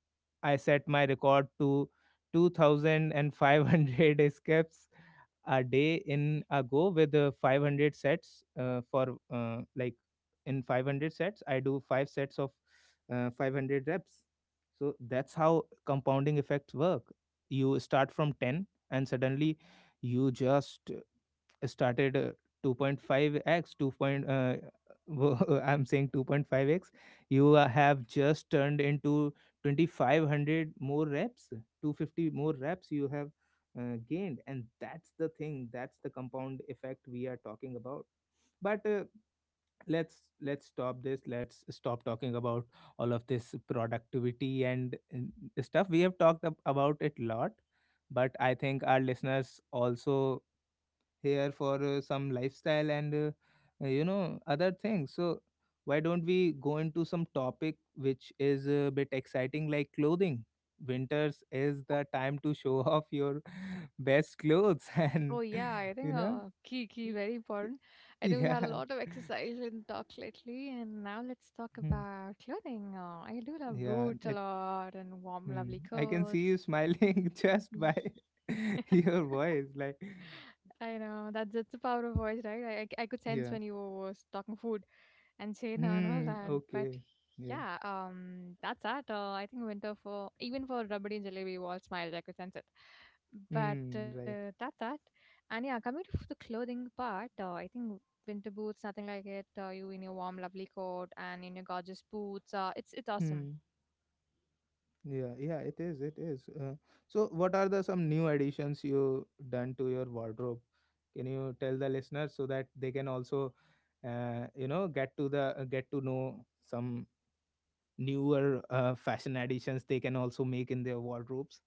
B: I set my record to 2500 skips a day
A: Nice.
B: in a go with, 500 sets, for, like, in 500 sets I do five sets of, 500 reps. So that's how compounding effects work. You start from 10, and suddenly you just started, 2.5x, 2. Point, I'm saying 2.5x, you, have just turned into 2500 more reps, 250 more reps you have, gained. And that's the thing, that's the compound effect we are talking about. But, let's stop this, let's stop talking about all of this productivity and stuff. We have talked, about it a lot. But I think our listeners also here for, some lifestyle and, you know, other things. So why don't we go into some topic which is a bit exciting, like clothing? Winters is the time to show off your best clothes.
A: Oh
B: And
A: yeah, I
B: you
A: think
B: know.
A: key key very important. I think we had a
B: Yeah.
A: lot of exercise and talk lately, and now let's talk
B: Hmm.
A: about clothing. I do love
B: Yeah,
A: boots a
B: it.
A: lot and warm,
B: Hmm.
A: lovely
B: I can see
A: coats.
B: you smiling just
A: Ye-
B: by your voice. Like,
A: I know that's the power of voice, right? I could sense
B: yeah.
A: when you was talking food and Chena and all
B: Hmm.
A: that. But
B: Okay. Yeah.
A: yeah, that's that. I think winter for even for Rabadi and Jalebi, we all smiled. I could sense it. But
B: Hmm. Right.
A: that's that. And yeah, coming to the clothing part, I think winter boots, nothing like it. You in your warm, lovely coat and in your gorgeous boots. It's awesome.
B: Hmm. Yeah, yeah, it is. It is. So, what are the some new additions you done to your wardrobe? Can you tell the listeners so that they can also, you know, get to the, get to know some newer, fashion additions they can also make in their wardrobes?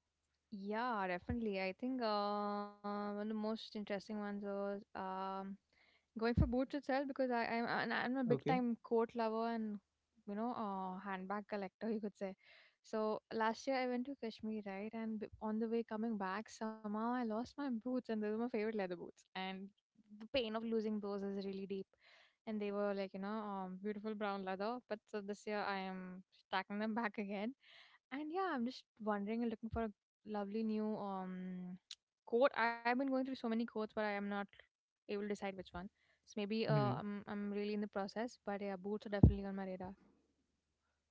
A: Yeah, definitely. I think one of the most interesting ones was going for boots itself because I, I'm a big
B: Okay.
A: time coat lover and you know handbag collector you could say. So last year I went to Kashmir, right, and on the way coming back somehow I lost my boots and those were my favorite leather boots and the pain of losing those is really deep. And they were like you know beautiful brown leather, but so this year I am stacking them back again. And yeah, I'm just wondering and looking for a lovely new quote. I have been going through so many quotes, but I am not able to decide which one. So maybe
B: Hmm.
A: I'm really in the process, but yeah, boots are definitely on my radar.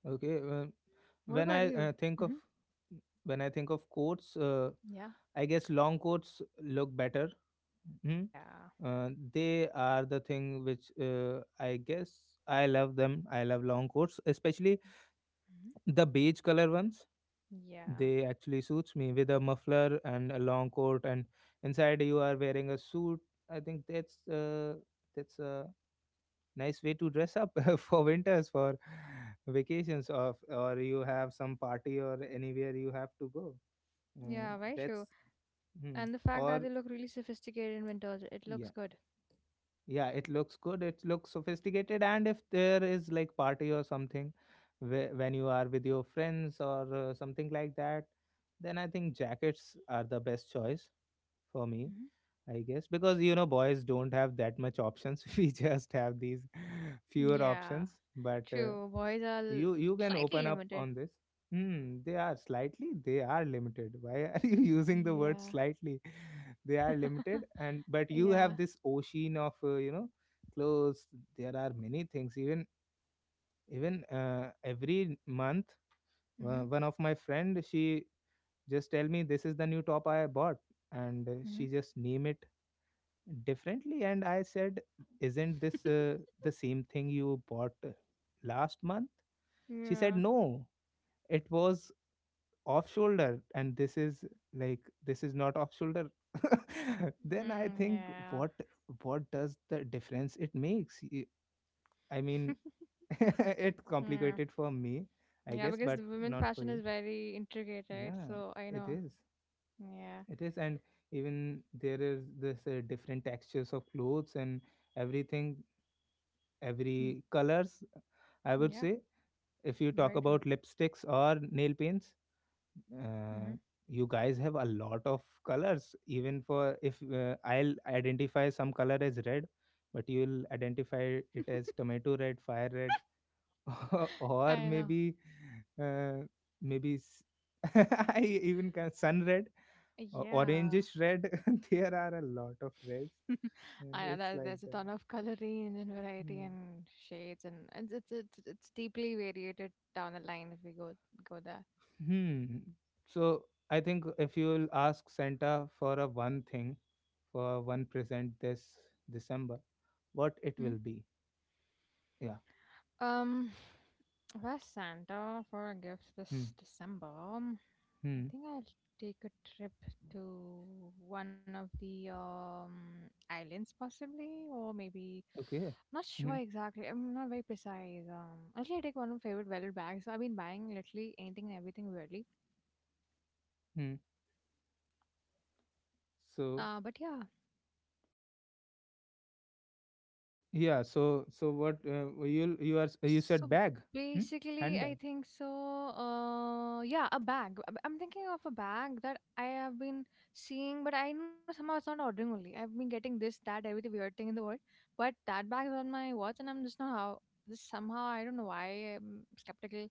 B: Okay. Well,
A: What
B: when
A: about
B: I,
A: you?
B: think of,
A: Hmm
B: when I think of coats,
A: Yeah.
B: I guess long coats look better. Hmm.
A: Yeah.
B: They are the thing which, I guess I love them. I love long coats, especially
A: hmm
B: the beige color ones.
A: Yeah.
B: They actually suits me with a muffler and a long coat, and inside you are wearing a suit. I think that's, that's a nice way to dress up for winters, for vacations, or you have some party or anywhere you have to go. Mm,
A: Yeah, very
B: that's,
A: true.
B: hmm,
A: And the fact that
B: or
A: they look really sophisticated in winters, it
B: yeah.
A: looks good.
B: Yeah, it looks good. It looks sophisticated. And if there is like party or something, when you are with your friends or, something like that, then I think jackets are the best choice for me,
A: Hmm
B: I guess, because you know boys don't have that much options. We just have these fewer options.
A: Yeah,
B: But
A: true.
B: you you can open up
A: Slightly
B: on
A: limited.
B: this. They are limited. Why are you using the word
A: Yeah.
B: slightly? They are limited. And but you have
A: yeah.
B: this ocean of clothes. There are many things. Even even uh, every month, one
A: hmm
B: of my friend, she just tell me, this is the new top I bought. And
A: hmm
B: she just name it differently. And I said, isn't this the same thing you bought last month? She said no,
A: Yeah.
B: it was off shoulder, and this is like, this is not off shoulder. Then I
A: Mm,
B: think,
A: yeah.
B: what what does the difference it makes? I mean, it's
A: Yeah.
B: complicated for me. I
A: Yeah,
B: guess,
A: because
B: but
A: the women
B: not for
A: fashion
B: you.
A: is very intricate, right?
B: Yeah,
A: So I
B: it
A: know.
B: is.
A: Yeah.
B: And even there is this different textures of clothes and everything, every
A: Mm.
B: colors, I would
A: Yeah,
B: say. If you talk
A: very true.
B: about lipsticks or nail paints, uh,
A: Hmm
B: you guys have a lot of colors. Even for, if I'll identify some color as red, but you'll identify it as tomato red, fire red, or
A: I know.
B: maybe uh, maybe s- I even can sun red or
A: Yeah.
B: orangish red. There are a lot of reds.
A: I know
B: And
A: that
B: it's
A: there's a
B: like
A: ton
B: that.
A: of color range and variety
B: Hmm.
A: and shades and it's deeply variated down the line if we go there.
B: Hmm. So I think, if you will ask Santa for for one present this December, what it
A: Mm.
B: will be? Yeah.
A: Um, where's Santa for a gift
B: Hmm.
A: this December? I
B: Hmm.
A: think I'll take a trip to one of the islands, possibly, or maybe.
B: Okay.
A: Not
B: Hmm.
A: sure exactly. I'm not very precise. Actually, I take one of my favorite velvet bags. So I've been buying literally anything and everything weirdly.
B: Hmm. So
A: But yeah,
B: yeah. So what you you are you
A: so
B: said bag? Hmm?
A: basically, I
B: Handbag.
A: think so. Yeah, a bag. I'm thinking of a bag that I have been seeing, but I know somehow it's not ordering only. I've been getting this, that, every weird thing in the world, but that bag is on my watch, and I'm just not how this somehow. I don't know why I'm skeptical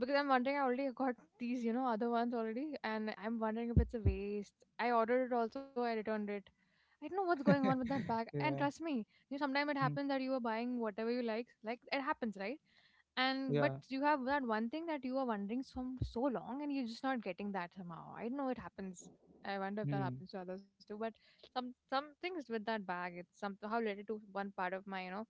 A: because I'm wondering. I already got these, you know, other ones already, and I'm wondering if it's a waste. I ordered it also. I returned it. I don't know what's going on with that bag. And
B: yeah.
A: trust me, you know, sometimes it
B: Hmm.
A: happens that you are buying whatever you like. Like it happens, right? And but
B: Yeah.
A: you have that one thing that you are wondering from so long, and you're just not getting that somehow. I don't know, it happens. I wonder if that
B: Hmm.
A: happens to others too. But some things with that bag, it's somehow related to one part of my you know,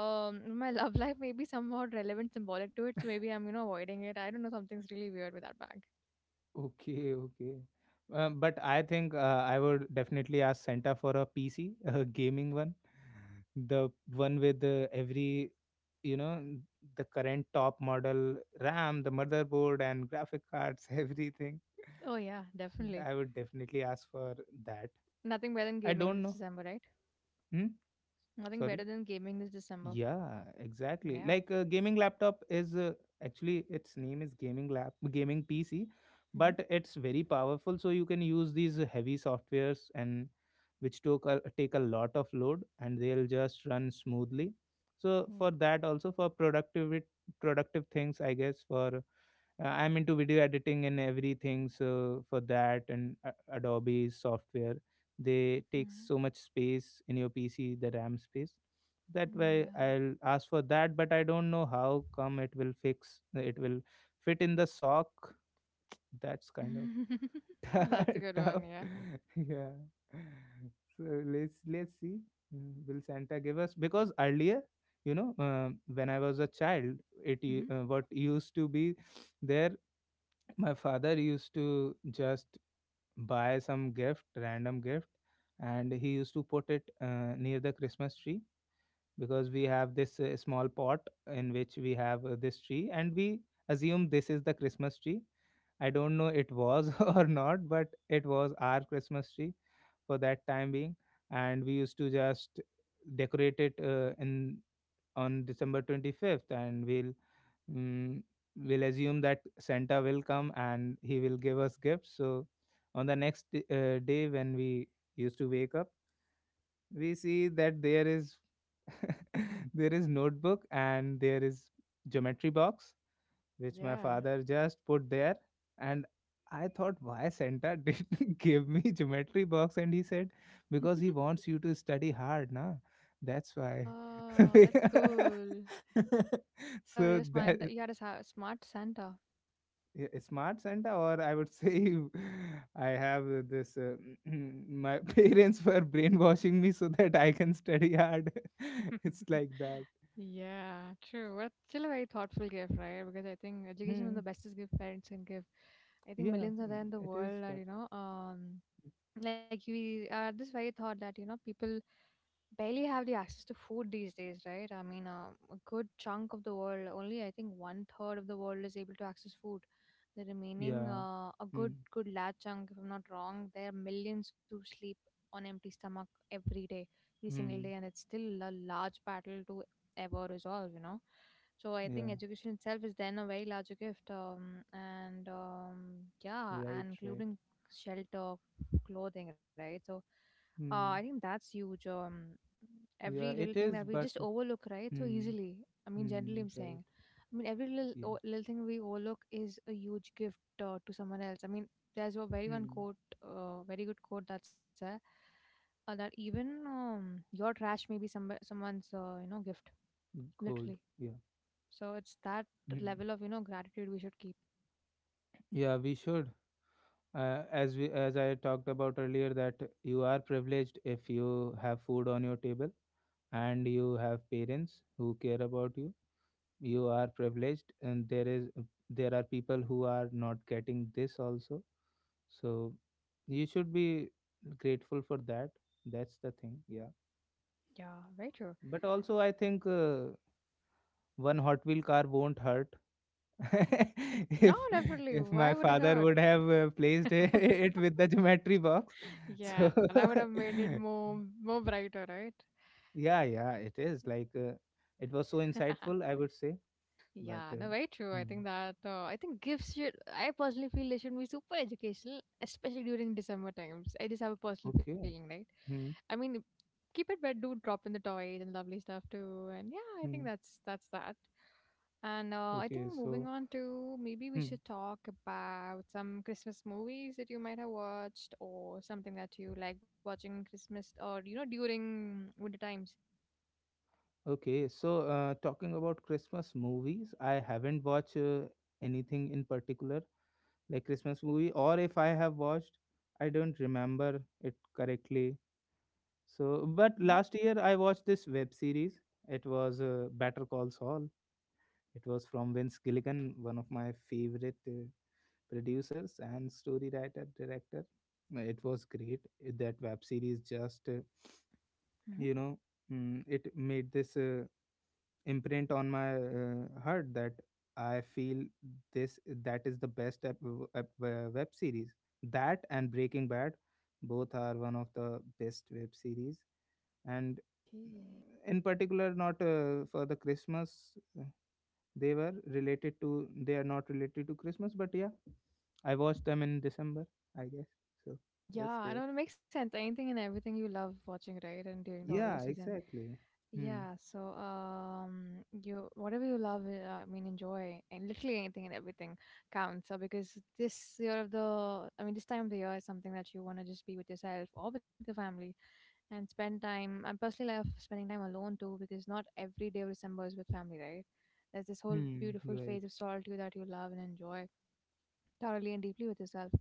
A: my love life. Maybe somewhat relevant, symbolic to it. So maybe I'm you know avoiding it. I don't know. Something's really weird with that bag.
B: Okay, okay. But I think I would definitely ask Santa for a PC, a gaming one, the one with you know, the current top model RAM, the motherboard, and graphic cards, everything.
A: Oh yeah,
B: I would
A: definitely.
B: definitely ask for that.
A: Nothing better than
B: I
A: gaming
B: don't
A: this
B: know.
A: December, right?
B: Hmm?
A: Nothing
B: Sorry.
A: better than gaming this December.
B: Yeah, exactly. Like
A: Yeah.
B: gaming laptop is, actually its name is gaming PC, but
A: hmm
B: it's very powerful. So you can use these heavy softwares, and which take a lot of load, and they'll just run smoothly. So
A: Yeah.
B: for that, also for productive things, I guess. For I'm into video editing and everything, so for that and Adobe software, they
A: hmm
B: take so much space in your PC, the RAM space. That way,
A: Yeah.
B: I'll ask for that. But I don't know how come it will fix. It will fit in the sock. That's kind of
A: That's a good one.
B: tough.
A: Yeah.
B: yeah. So let's see. Will Santa give us? Because earlier, when I was a child, it u-
A: hmm
B: what used to be there my father used to just buy some gift random gift, and he used to put it near the Christmas tree. Because we have this small pot, in which we have this tree, and we assume this is the Christmas tree. I don't know it was or not, but it was our Christmas tree for that time being. And we used to just decorate it, in on December 25th. And mm, we'll assume that Santa will come and he will give us gifts. So on the next day when we used to wake up, we see that there is there is notebook and there is geometry box, which my
A: Yeah.
B: father just put there. And I thought, why Santa didn't give me geometry box? And he said, because he wants you to study hard, na. That's why.
A: Oh, that's cool. Santa,
B: So
A: you're
B: that.
A: smart. You had a smart Santa.
B: Yeah, a smart Santa. Or I would say, I have this. My parents were brainwashing me so that I can study hard. It's like that.
A: Yeah, true. But still a very thoughtful gift, right? Because I think education is
B: Hmm.
A: the bestest gift parents can give. I think
B: Yeah,
A: millions are
B: mm,
A: there in the
B: it is.
A: world are,
B: But
A: you know, like we are this very thought that, you know, people barely have the access to food these days, right? I mean, a good chunk of the world, only I think one third of the world is able to access food. The remaining,
B: yeah.
A: a
B: Hmm.
A: good large chunk, if I'm not wrong, there are millions who sleep on empty stomach every day, every single day,
B: Hmm.
A: and it's still a large battle to ever resolve, you know. So I think
B: Yeah.
A: education itself is then a very larger gift, and yeah,
B: Right.
A: and
B: Right.
A: including shelter, clothing, right? So I think
B: Hmm.
A: that's huge. Every
B: Yeah,
A: little
B: it
A: thing
B: is.
A: that we
B: But
A: just overlook, right? So
B: hmm.
A: easily. I mean, generally,
B: Hmm.
A: I'm
B: Right.
A: saying. I mean, every little
B: Yeah.
A: little thing we overlook is a huge gift to someone else. I mean, there's a very one
B: Hmm.
A: quote, very good quote that's that even your trash may be someone's you know gift,
B: Gold.
A: literally.
B: Yeah.
A: So it's that
B: Hmm.
A: level of you know gratitude we should keep.
B: Yeah, we should. As I talked about earlier, that you are privileged if you have food on your table, and you have parents who care about you. You are privileged. And there are people who are not getting this also. So you should be grateful for that. That's the thing, yeah.
A: Yeah, very true.
B: But also, I think, one hot wheel car won't hurt. if
A: No, definitely.
B: if my
A: Why would it
B: father
A: hurt?
B: would have placed it it with the geometry box. So
A: Yeah, that would have made it more brighter, right?
B: yeah, yeah, it is like, it was so insightful, I would say. But
A: Yeah, no, very true. I
B: hmm,
A: think that I think gifts should. I personally feel they should be super educational, especially during December times. I just have a personal
B: okay,
A: feeling, right?
B: hmm,
A: I mean, keep it, but do drop in the toys and lovely stuff too. And yeah, I think
B: hmm,
A: that's that. And I think
B: okay,
A: moving
B: so
A: on to maybe we
B: hmm,
A: should talk about some Christmas movies that you might have watched or something that you like watching Christmas or you know during winter times.
B: okay, so talking about Christmas movies, I haven't watched anything in particular, like Christmas movie. Or if I have watched, I don't remember it correctly. So, but
A: Mm-hmm.
B: last year I watched this web series. It was Better Call Saul. It was from Vince Gilligan, one of my favorite producers and story writer director. It was great. That web series just, you know, it made this imprint on my heart that I feel this that is the best web series. That and Breaking Bad, both are one of the best web series. And
A: Okay.
B: in particular, not for the Christmas, they are not related to Christmas. But yeah, I watched them in December, I guess. So
A: Yeah,
B: that's
A: I
B: there,
A: know it makes sense. Anything and everything you love watching, right? And during the holiday
B: yeah,
A: season.
B: exactly. Hmm.
A: Yeah, so you whatever you love, I mean enjoy and literally anything and everything counts. So because this year of the I mean this time of the year is something that you want to just be with yourself or with your family and spend time. I personally love spending time alone too because not every day of December is with family, right? There's this whole
B: Hmm.
A: beautiful
B: Right.
A: phase of solitude that you love and enjoy thoroughly and deeply with yourself.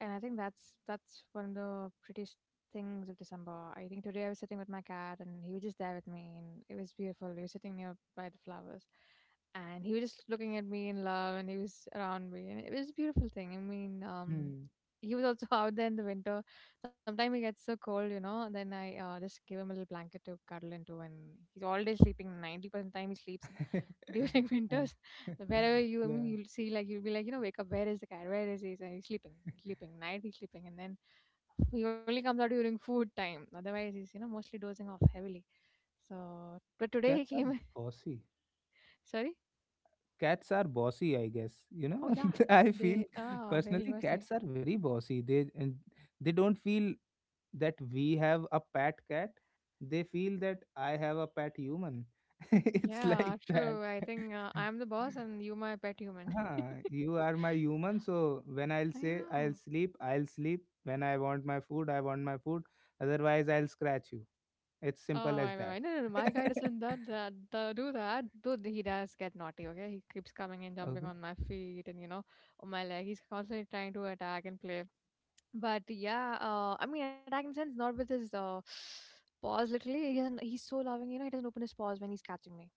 A: And I think that's one of the prettiest things of December. I think today I was sitting with my cat and he was just there with me and it was beautiful. We were sitting near by the flowers and he was just looking at me in love and he was around me and it was a beautiful thing. I mean,
B: Hmm.
A: he was also out there in the winter. Sometimes he gets so cold, you know, then I just give him a little blanket to cuddle into and he's all day sleeping. 90% time he sleeps
B: yeah.
A: during winter. Wherever you, I mean,
B: Yeah.
A: you'll see, like, you'll be like, you know, wake up, where is the cat? Where is he? So he's sleeping, he's sleeping, night he's sleeping. And then he only comes out during food time. Otherwise, he's, you know, mostly dozing off heavily. So, but today he
B: cats are
A: came,
B: bossy
A: sorry?
B: cats are bossy, I guess. you
A: Oh,
B: know
A: yeah.
B: I feel
A: They, ah, very
B: personally
A: he.
B: cats are very bossy. They don't feel that we have a pet cat. They feel that I have a pet human. It's
A: Yeah,
B: like that.
A: true. I think I'm the boss and you my pet human.
B: Huh, you are my human. So when I'll
A: I
B: say,
A: know.
B: I'll sleep, I'll sleep. When I want my food, I want my food. Otherwise, I'll scratch you. It's
A: Oh, I
B: simple as
A: remember.
B: that.
A: No, no, no. My guy doesn't do that. Though he does get naughty. Okay, he keeps coming and jumping
B: Okay.
A: on my feet and you know on my leg. He's constantly trying to attack and play. But yeah, I mean, attack in sense not with his paws. Literally, he doesn't. He's so loving. He doesn't open his paws when he's catching me.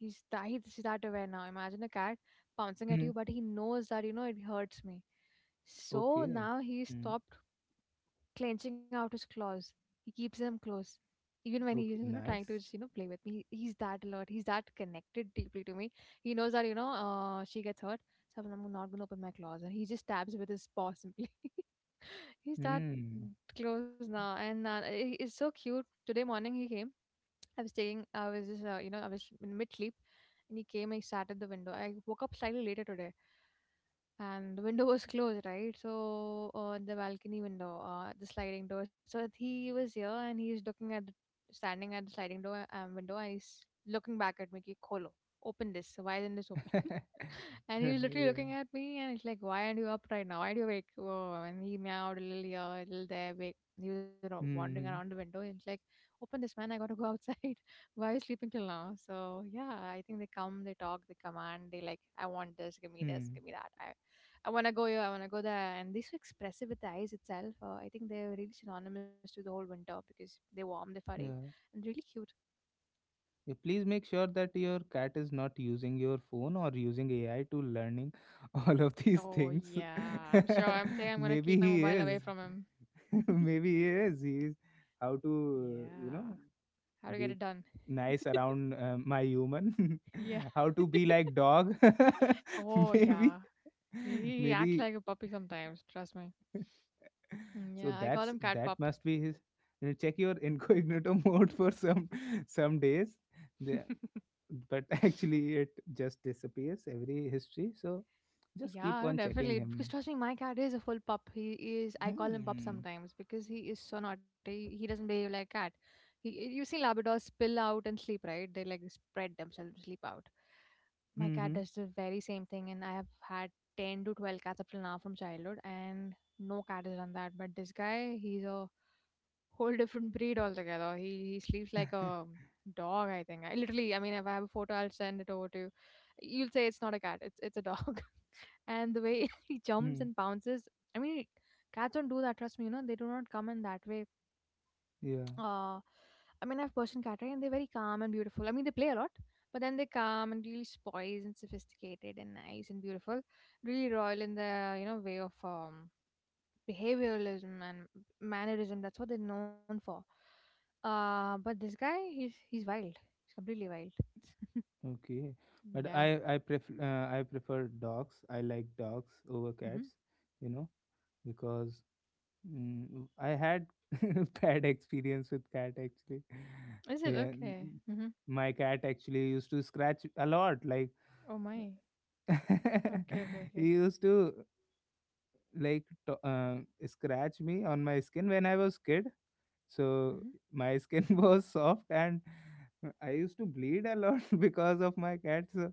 A: He's that aware now. Imagine a cat pouncing at
B: Hmm.
A: you, but he knows that it hurts me. So
B: Okay.
A: now he
B: Hmm.
A: stopped clenching out his claws. He keeps them close, even when he's
B: Okay.
A: trying
B: Nice.
A: to just play with me. He's that alert. He's that connected deeply to me. He knows that she gets hurt, so I'm not gonna open my claws, and he just stabs with his paw simply. He's that
B: Mm.
A: close now, and it's so cute. Today morning he came. I was taking. I was just I was in mid sleep, and he came and he sat at the window. I woke up slightly later today, and the window was closed, right? So the balcony window, the sliding door. So he was here and he's looking at standing at the sliding door window, and he's looking back at me, ki, kholo, open this, why isn't this open? And he was literally
B: Yeah.
A: looking at me and he's like, "Why aren't you up right now? Why are you awake?" Oh, and he meowed a little here, a little there. Wake. He was wandering around the
B: Mm.
A: window. He's like, "Open this, man. I got to go outside." Why are you sleeping till now? So, yeah, I think they come, they talk, they command, they like, I want this,
B: Hmm.
A: give me that. I want to go here, I want to go there. And they're so expressive with the eyes itself. I think they're really synonymous to the whole winter because they warm the furry
B: Yeah.
A: and really cute.
B: Yeah, please make sure that your cat is not using your phone or using AI to learning all of these
A: Oh,
B: things.
A: yeah. I'm sure. I'm think I'm going to
B: Maybe
A: keep my
B: he
A: mobile away
B: is.
A: from him.
B: Maybe he is. He is how to,
A: Yeah. How to get it
B: be
A: done.
B: nice around my human.
A: Yeah.
B: How to be like dog.
A: Oh,
B: Maybe.
A: yeah. He act
B: Maybe.
A: like a puppy sometimes, trust me. Mm,
B: So
A: yeah, I call him cat
B: that
A: pup.
B: must be his, check your incognito mode for some days. The, but actually it just disappears every history. So just keep
A: Yeah, no,
B: on checking
A: definitely. Because
B: him.
A: trust me, my cat is a full pup. He is, I call him pup
B: Hmm.
A: sometimes because he is so naughty. He doesn't behave like cat. He, you see Labradors spill out and sleep, right? They like spread themselves to sleep out. My cat does
B: Hmm.
A: the very same thing, and I have had 10 to 12 cats up till now from childhood, and no cat has done that. But this guy, he's a whole different breed altogether. He sleeps like a dog, I think. I mean, if I have a photo, I'll send it over to you. You'll say it's not a cat; it's a dog. And the way he jumps
B: Hmm.
A: and bounces, I mean, cats don't do that. Trust me, they do not come in that way.
B: Yeah.
A: Uh, I mean, I've Persian cat, right? And they're very calm and beautiful. I mean, they play a lot, but then they calm and really poised and sophisticated and nice and beautiful. Really royal in the way of behavioralism and mannerism. That's what they're known for. But this guy, he's wild. He's completely wild.
B: Okay. But
A: Yeah.
B: I prefer dogs. I like dogs over
A: Hmm.
B: cats, you know because, I had bad experience with cat, actually.
A: Is it
B: Yeah,
A: okay? Hmm.
B: my cat actually used to scratch a lot. Like
A: Oh my. Okay, okay,
B: he
A: okay.
B: used to like to, scratch me on my skin when I was kid.
A: Hmm.
B: So my skin was soft, and I used to bleed a lot because of my cat. So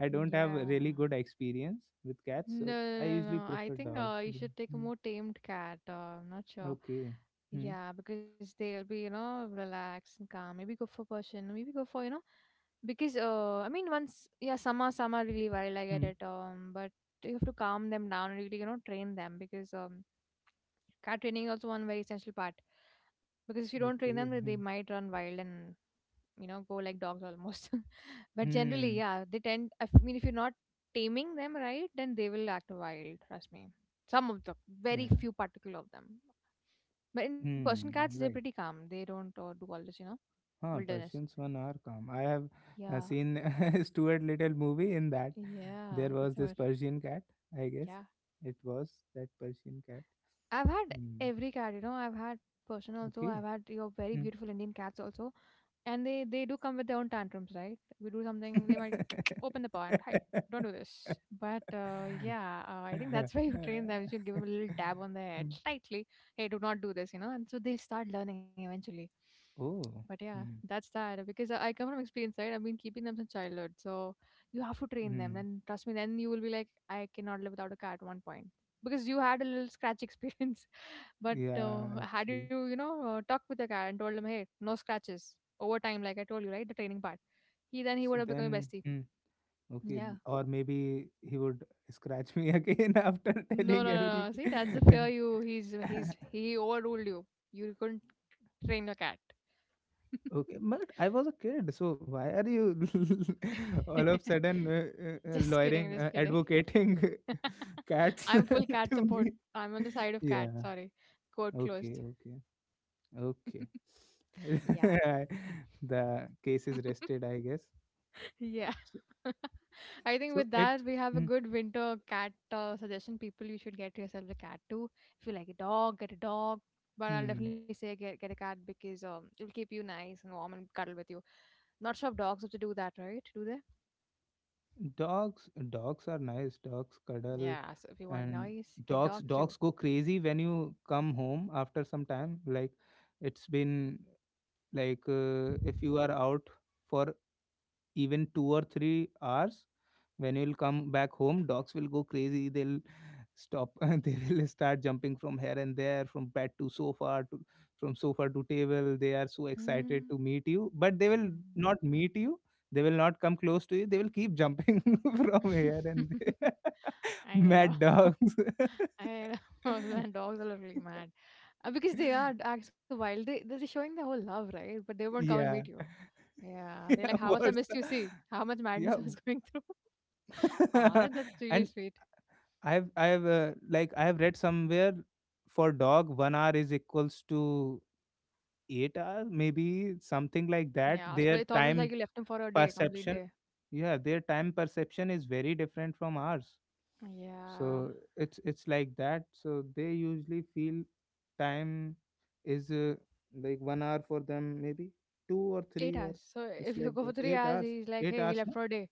B: I don't have
A: Yeah.
B: a really good experience with cats.
A: No,
B: So
A: no,
B: I
A: no,
B: usually
A: no, no. I
B: prefer
A: think
B: dogs.
A: you should take a
B: Mm.
A: more tamed cat. I'm not sure.
B: Okay. Hmm.
A: Yeah, because they'll be, you know, relaxed and calm. Maybe go for Persian, or maybe go for, you know, because I mean, once yeah, some are really wild. I get
B: Hmm.
A: it. But you have to calm them down, and really, you know, train them, because cat training is also one very essential part. Because if you don't train them, they
B: Okay.
A: they
B: Hmm.
A: might run wild and you know go like dogs almost. But generally
B: Hmm.
A: yeah they tend mean if you're not taming them right then they will act wild, trust me, some of them, very
B: Yeah.
A: few particular of them. But in person cats, they're
B: Hmm.
A: pretty
B: Right.
A: calm, they don't do all this you know
B: Huh.
A: wilderness.
B: Persians one are calm. I have
A: Yeah,
B: seen Stuart Little movie. In that,
A: yeah,
B: there
A: that's
B: was this
A: what.
B: Persian cat. I guess
A: Yeah,
B: it was that Persian cat.
A: I've had
B: Hmm.
A: every cat, you know. I've had Persian also. I've
B: Okay.
A: had your very beautiful
B: Hmm.
A: Indian cats also, and they do come with their own tantrums, right? We do something, they might open the paw and hi, don't do this. But I think that's where you train them. You should give them a little dab on the head, slightly. Hey, do not do this, you know. And so they start learning eventually. But
B: Oh.
A: yeah,
B: Hmm.
A: that's that, because I come from experience, right? I've been keeping them since childhood, so you have to train them.
B: Hmm.
A: And trust me, then you will be like, I cannot live without a cat. At one point, because you had a little scratch experience, but
B: Yeah.
A: had you
B: Actually.
A: you know talked with the guy and told him, hey, no scratches, over time like I told you, right, the training part, he then he
B: So
A: would have become a
B: then.
A: bestie.
B: Hmm. Okay.
A: Yeah,
B: Or maybe he would scratch me again after
A: no
B: telling
A: no no,
B: everything.
A: no. See, that's the fear. You he overruled you. You couldn't train your cat.
B: Okay, but I was a kid. So why are you all of sudden,
A: Just kidding,
B: lawyering,
A: just kidding.
B: advocating cats
A: I'm full cat
B: to
A: support.
B: me?
A: I'm on the side of cat,
B: Yeah,
A: sorry. Quote
B: okay,
A: closed.
B: okay, okay.
A: Yeah.
B: The case is rested, I guess.
A: Yeah.
B: So,
A: I think
B: so
A: with
B: it.
A: that, we have a good winter cat suggestion. People, you should get yourself a cat too. If you like a dog, get a dog. But I'll definitely
B: Hmm.
A: say get a cat because it will keep you nice and warm and cuddle with you. Not sure if dogs have to do that, right? Do they?
B: Dogs are nice. Dogs cuddle.
A: Yeah, so if you want
B: And
A: noise, get dogs
B: dogs
A: too.
B: go crazy when you come home after some time. Like it's been like if you are out for even 2 or 3 hours, when you'll come back home, dogs will go crazy. They'll stop and they will start jumping from here and there, from bed to sofa, to from sofa to table. They are so
A: Mhm.
B: excited to meet you, but they will not meet you. They will not come close to you. They will keep jumping from here and there.
A: I know,
B: Mad dogs.
A: I know. Man, dogs are literally mad. Because they are acts so wild. They're showing their whole love, right? But they won't come and meet
B: Yeah.
A: you. Yeah, they
B: Yeah,
A: like, "How much I
B: what's
A: missed
B: the
A: you, see? How much
B: yeah.
A: madness I was going through." Aw, that's really
B: And
A: sweet.
B: I have read somewhere, for dog one hour is equals to 8 hours, maybe something like that.
A: Yeah, so it's almost like you left him for a day, complete
B: Perception,
A: day.
B: yeah, their time perception is very different from ours.
A: Yeah,
B: So it's like that. So they usually feel time is, like, one hour for them, maybe two or
A: eight
B: three, or
A: hours. So
B: it's
A: if you
B: like
A: go for
B: that.
A: three
B: Eight
A: hours,
B: hours,
A: he's like,
B: eight
A: "Hey, he
B: hours.
A: left
B: No?
A: for a day."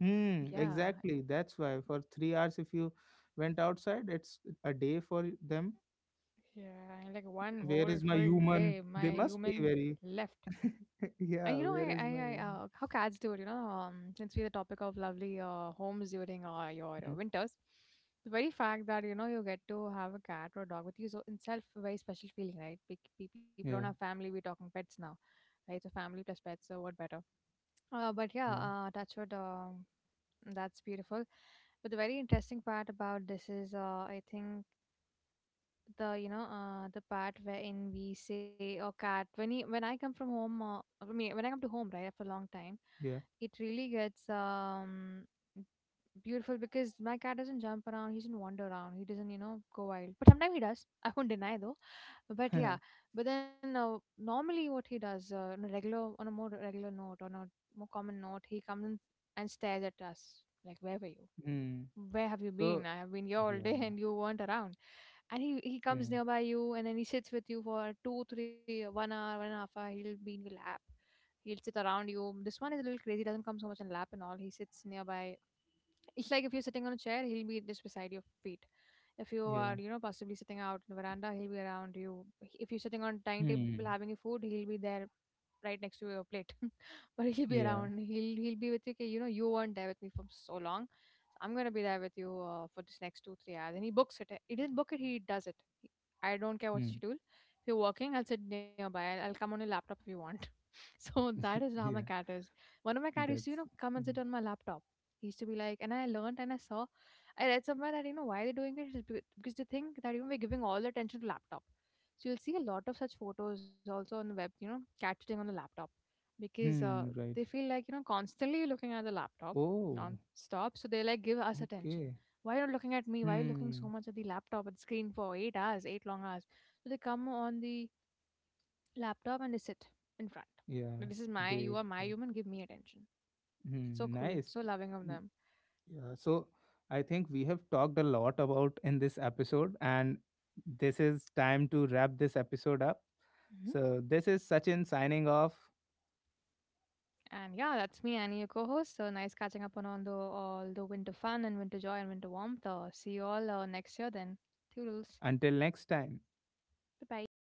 B: Hmm,
A: Yeah,
B: exactly. That's why for 3 hours, if you went outside, it's a day for them.
A: yeah, like one
B: Where
A: whole
B: is my
A: full day,
B: human?
A: my
B: They must
A: human
B: be very,
A: left. And you
B: yeah,
A: know,
B: where is my
A: I
B: human?
A: how cats do it, you know, since we the topic of lovely homes during your
B: Mm.
A: winters, the very fact that you know you get to have a cat or a dog with you, so in itself a very special feeling, right? People in our
B: Yeah,
A: family, we're talking pets now, right? So family plus pets, so what better? But yeah,
B: yeah,
A: touch wood, that's beautiful. But the very interesting part about this is, I think the the part wherein we say oh cat when when I come from home, I mean when I come to home right after a long time, it really gets beautiful because my cat doesn't jump around, he doesn't wander around, he doesn't you know go wild, but sometimes he does. I won't deny though, but
B: yeah.
A: yeah, but then normally what he does, on a regular, on a more regular note, on a more common note, he comes in and stares at us like, wherever you,
B: Hmm.
A: where have you been?
B: So,
A: I have been here all day
B: yeah.
A: and you weren't around. And he comes
B: Hmm.
A: nearby you and then he sits with you for two, three, 1 hour, one and a half hour. He'll be in your lap. He'll sit around you. This one is a little crazy, doesn't come so much in lap and all. He sits nearby. It's like if you're sitting on a chair, he'll be just beside your feet. If you are,
B: Yeah.
A: you know, possibly sitting out in the veranda, he'll be around you. If you're sitting on a dining table having
B: Hmm.
A: your food, he'll be there right next to your plate. But he'll be
B: Yeah.
A: around. He'll be with you. "Okay, you know, you weren't there with me for so long. So I'm gonna be there with you for this next 2 3 hours." And he books it. He didn't book it. He does it. He- I don't care what's the
B: Hmm.
A: schedule. If you're working, I'll sit nearby. I'll come on your laptop if you want. So that is how my
B: Yeah.
A: cat is. One of my cat used to, you
B: That's.
A: know, come and sit
B: Hmm.
A: on my laptop. He used to be like, and I learned and I saw, I read somewhere that, you know, why they're doing it is because they think that, you know, we're giving all the attention to laptop. So you'll see a lot of such photos also on the web, you know, cat sitting on the laptop because
B: Hmm.
A: they
B: Right.
A: feel like, you know, constantly looking at the laptop
B: Oh,
A: non-stop. So they like give us attention.
B: okay.
A: Why are you looking at me? Why are you looking so
B: Hmm,
A: much at the laptop at the screen for 8 hours, 8 long hours? So they come on the laptop and they sit in front. Like, this
B: yeah,
A: is my, you are
B: great,
A: my
B: great.
A: human, give me attention. So
B: Hmm,
A: cool,
B: nice.
A: so loving of them.
B: Yeah, so I think we have talked a lot about in this episode, and this is time to wrap this episode up.
A: Hmm.
B: So, this is Sachin signing off.
A: And yeah, that's me, Annie, your co-host. So nice catching up on all the winter fun and winter joy and winter warmth. See you all next year then. Toodles.
B: Until next time.
A: Bye bye.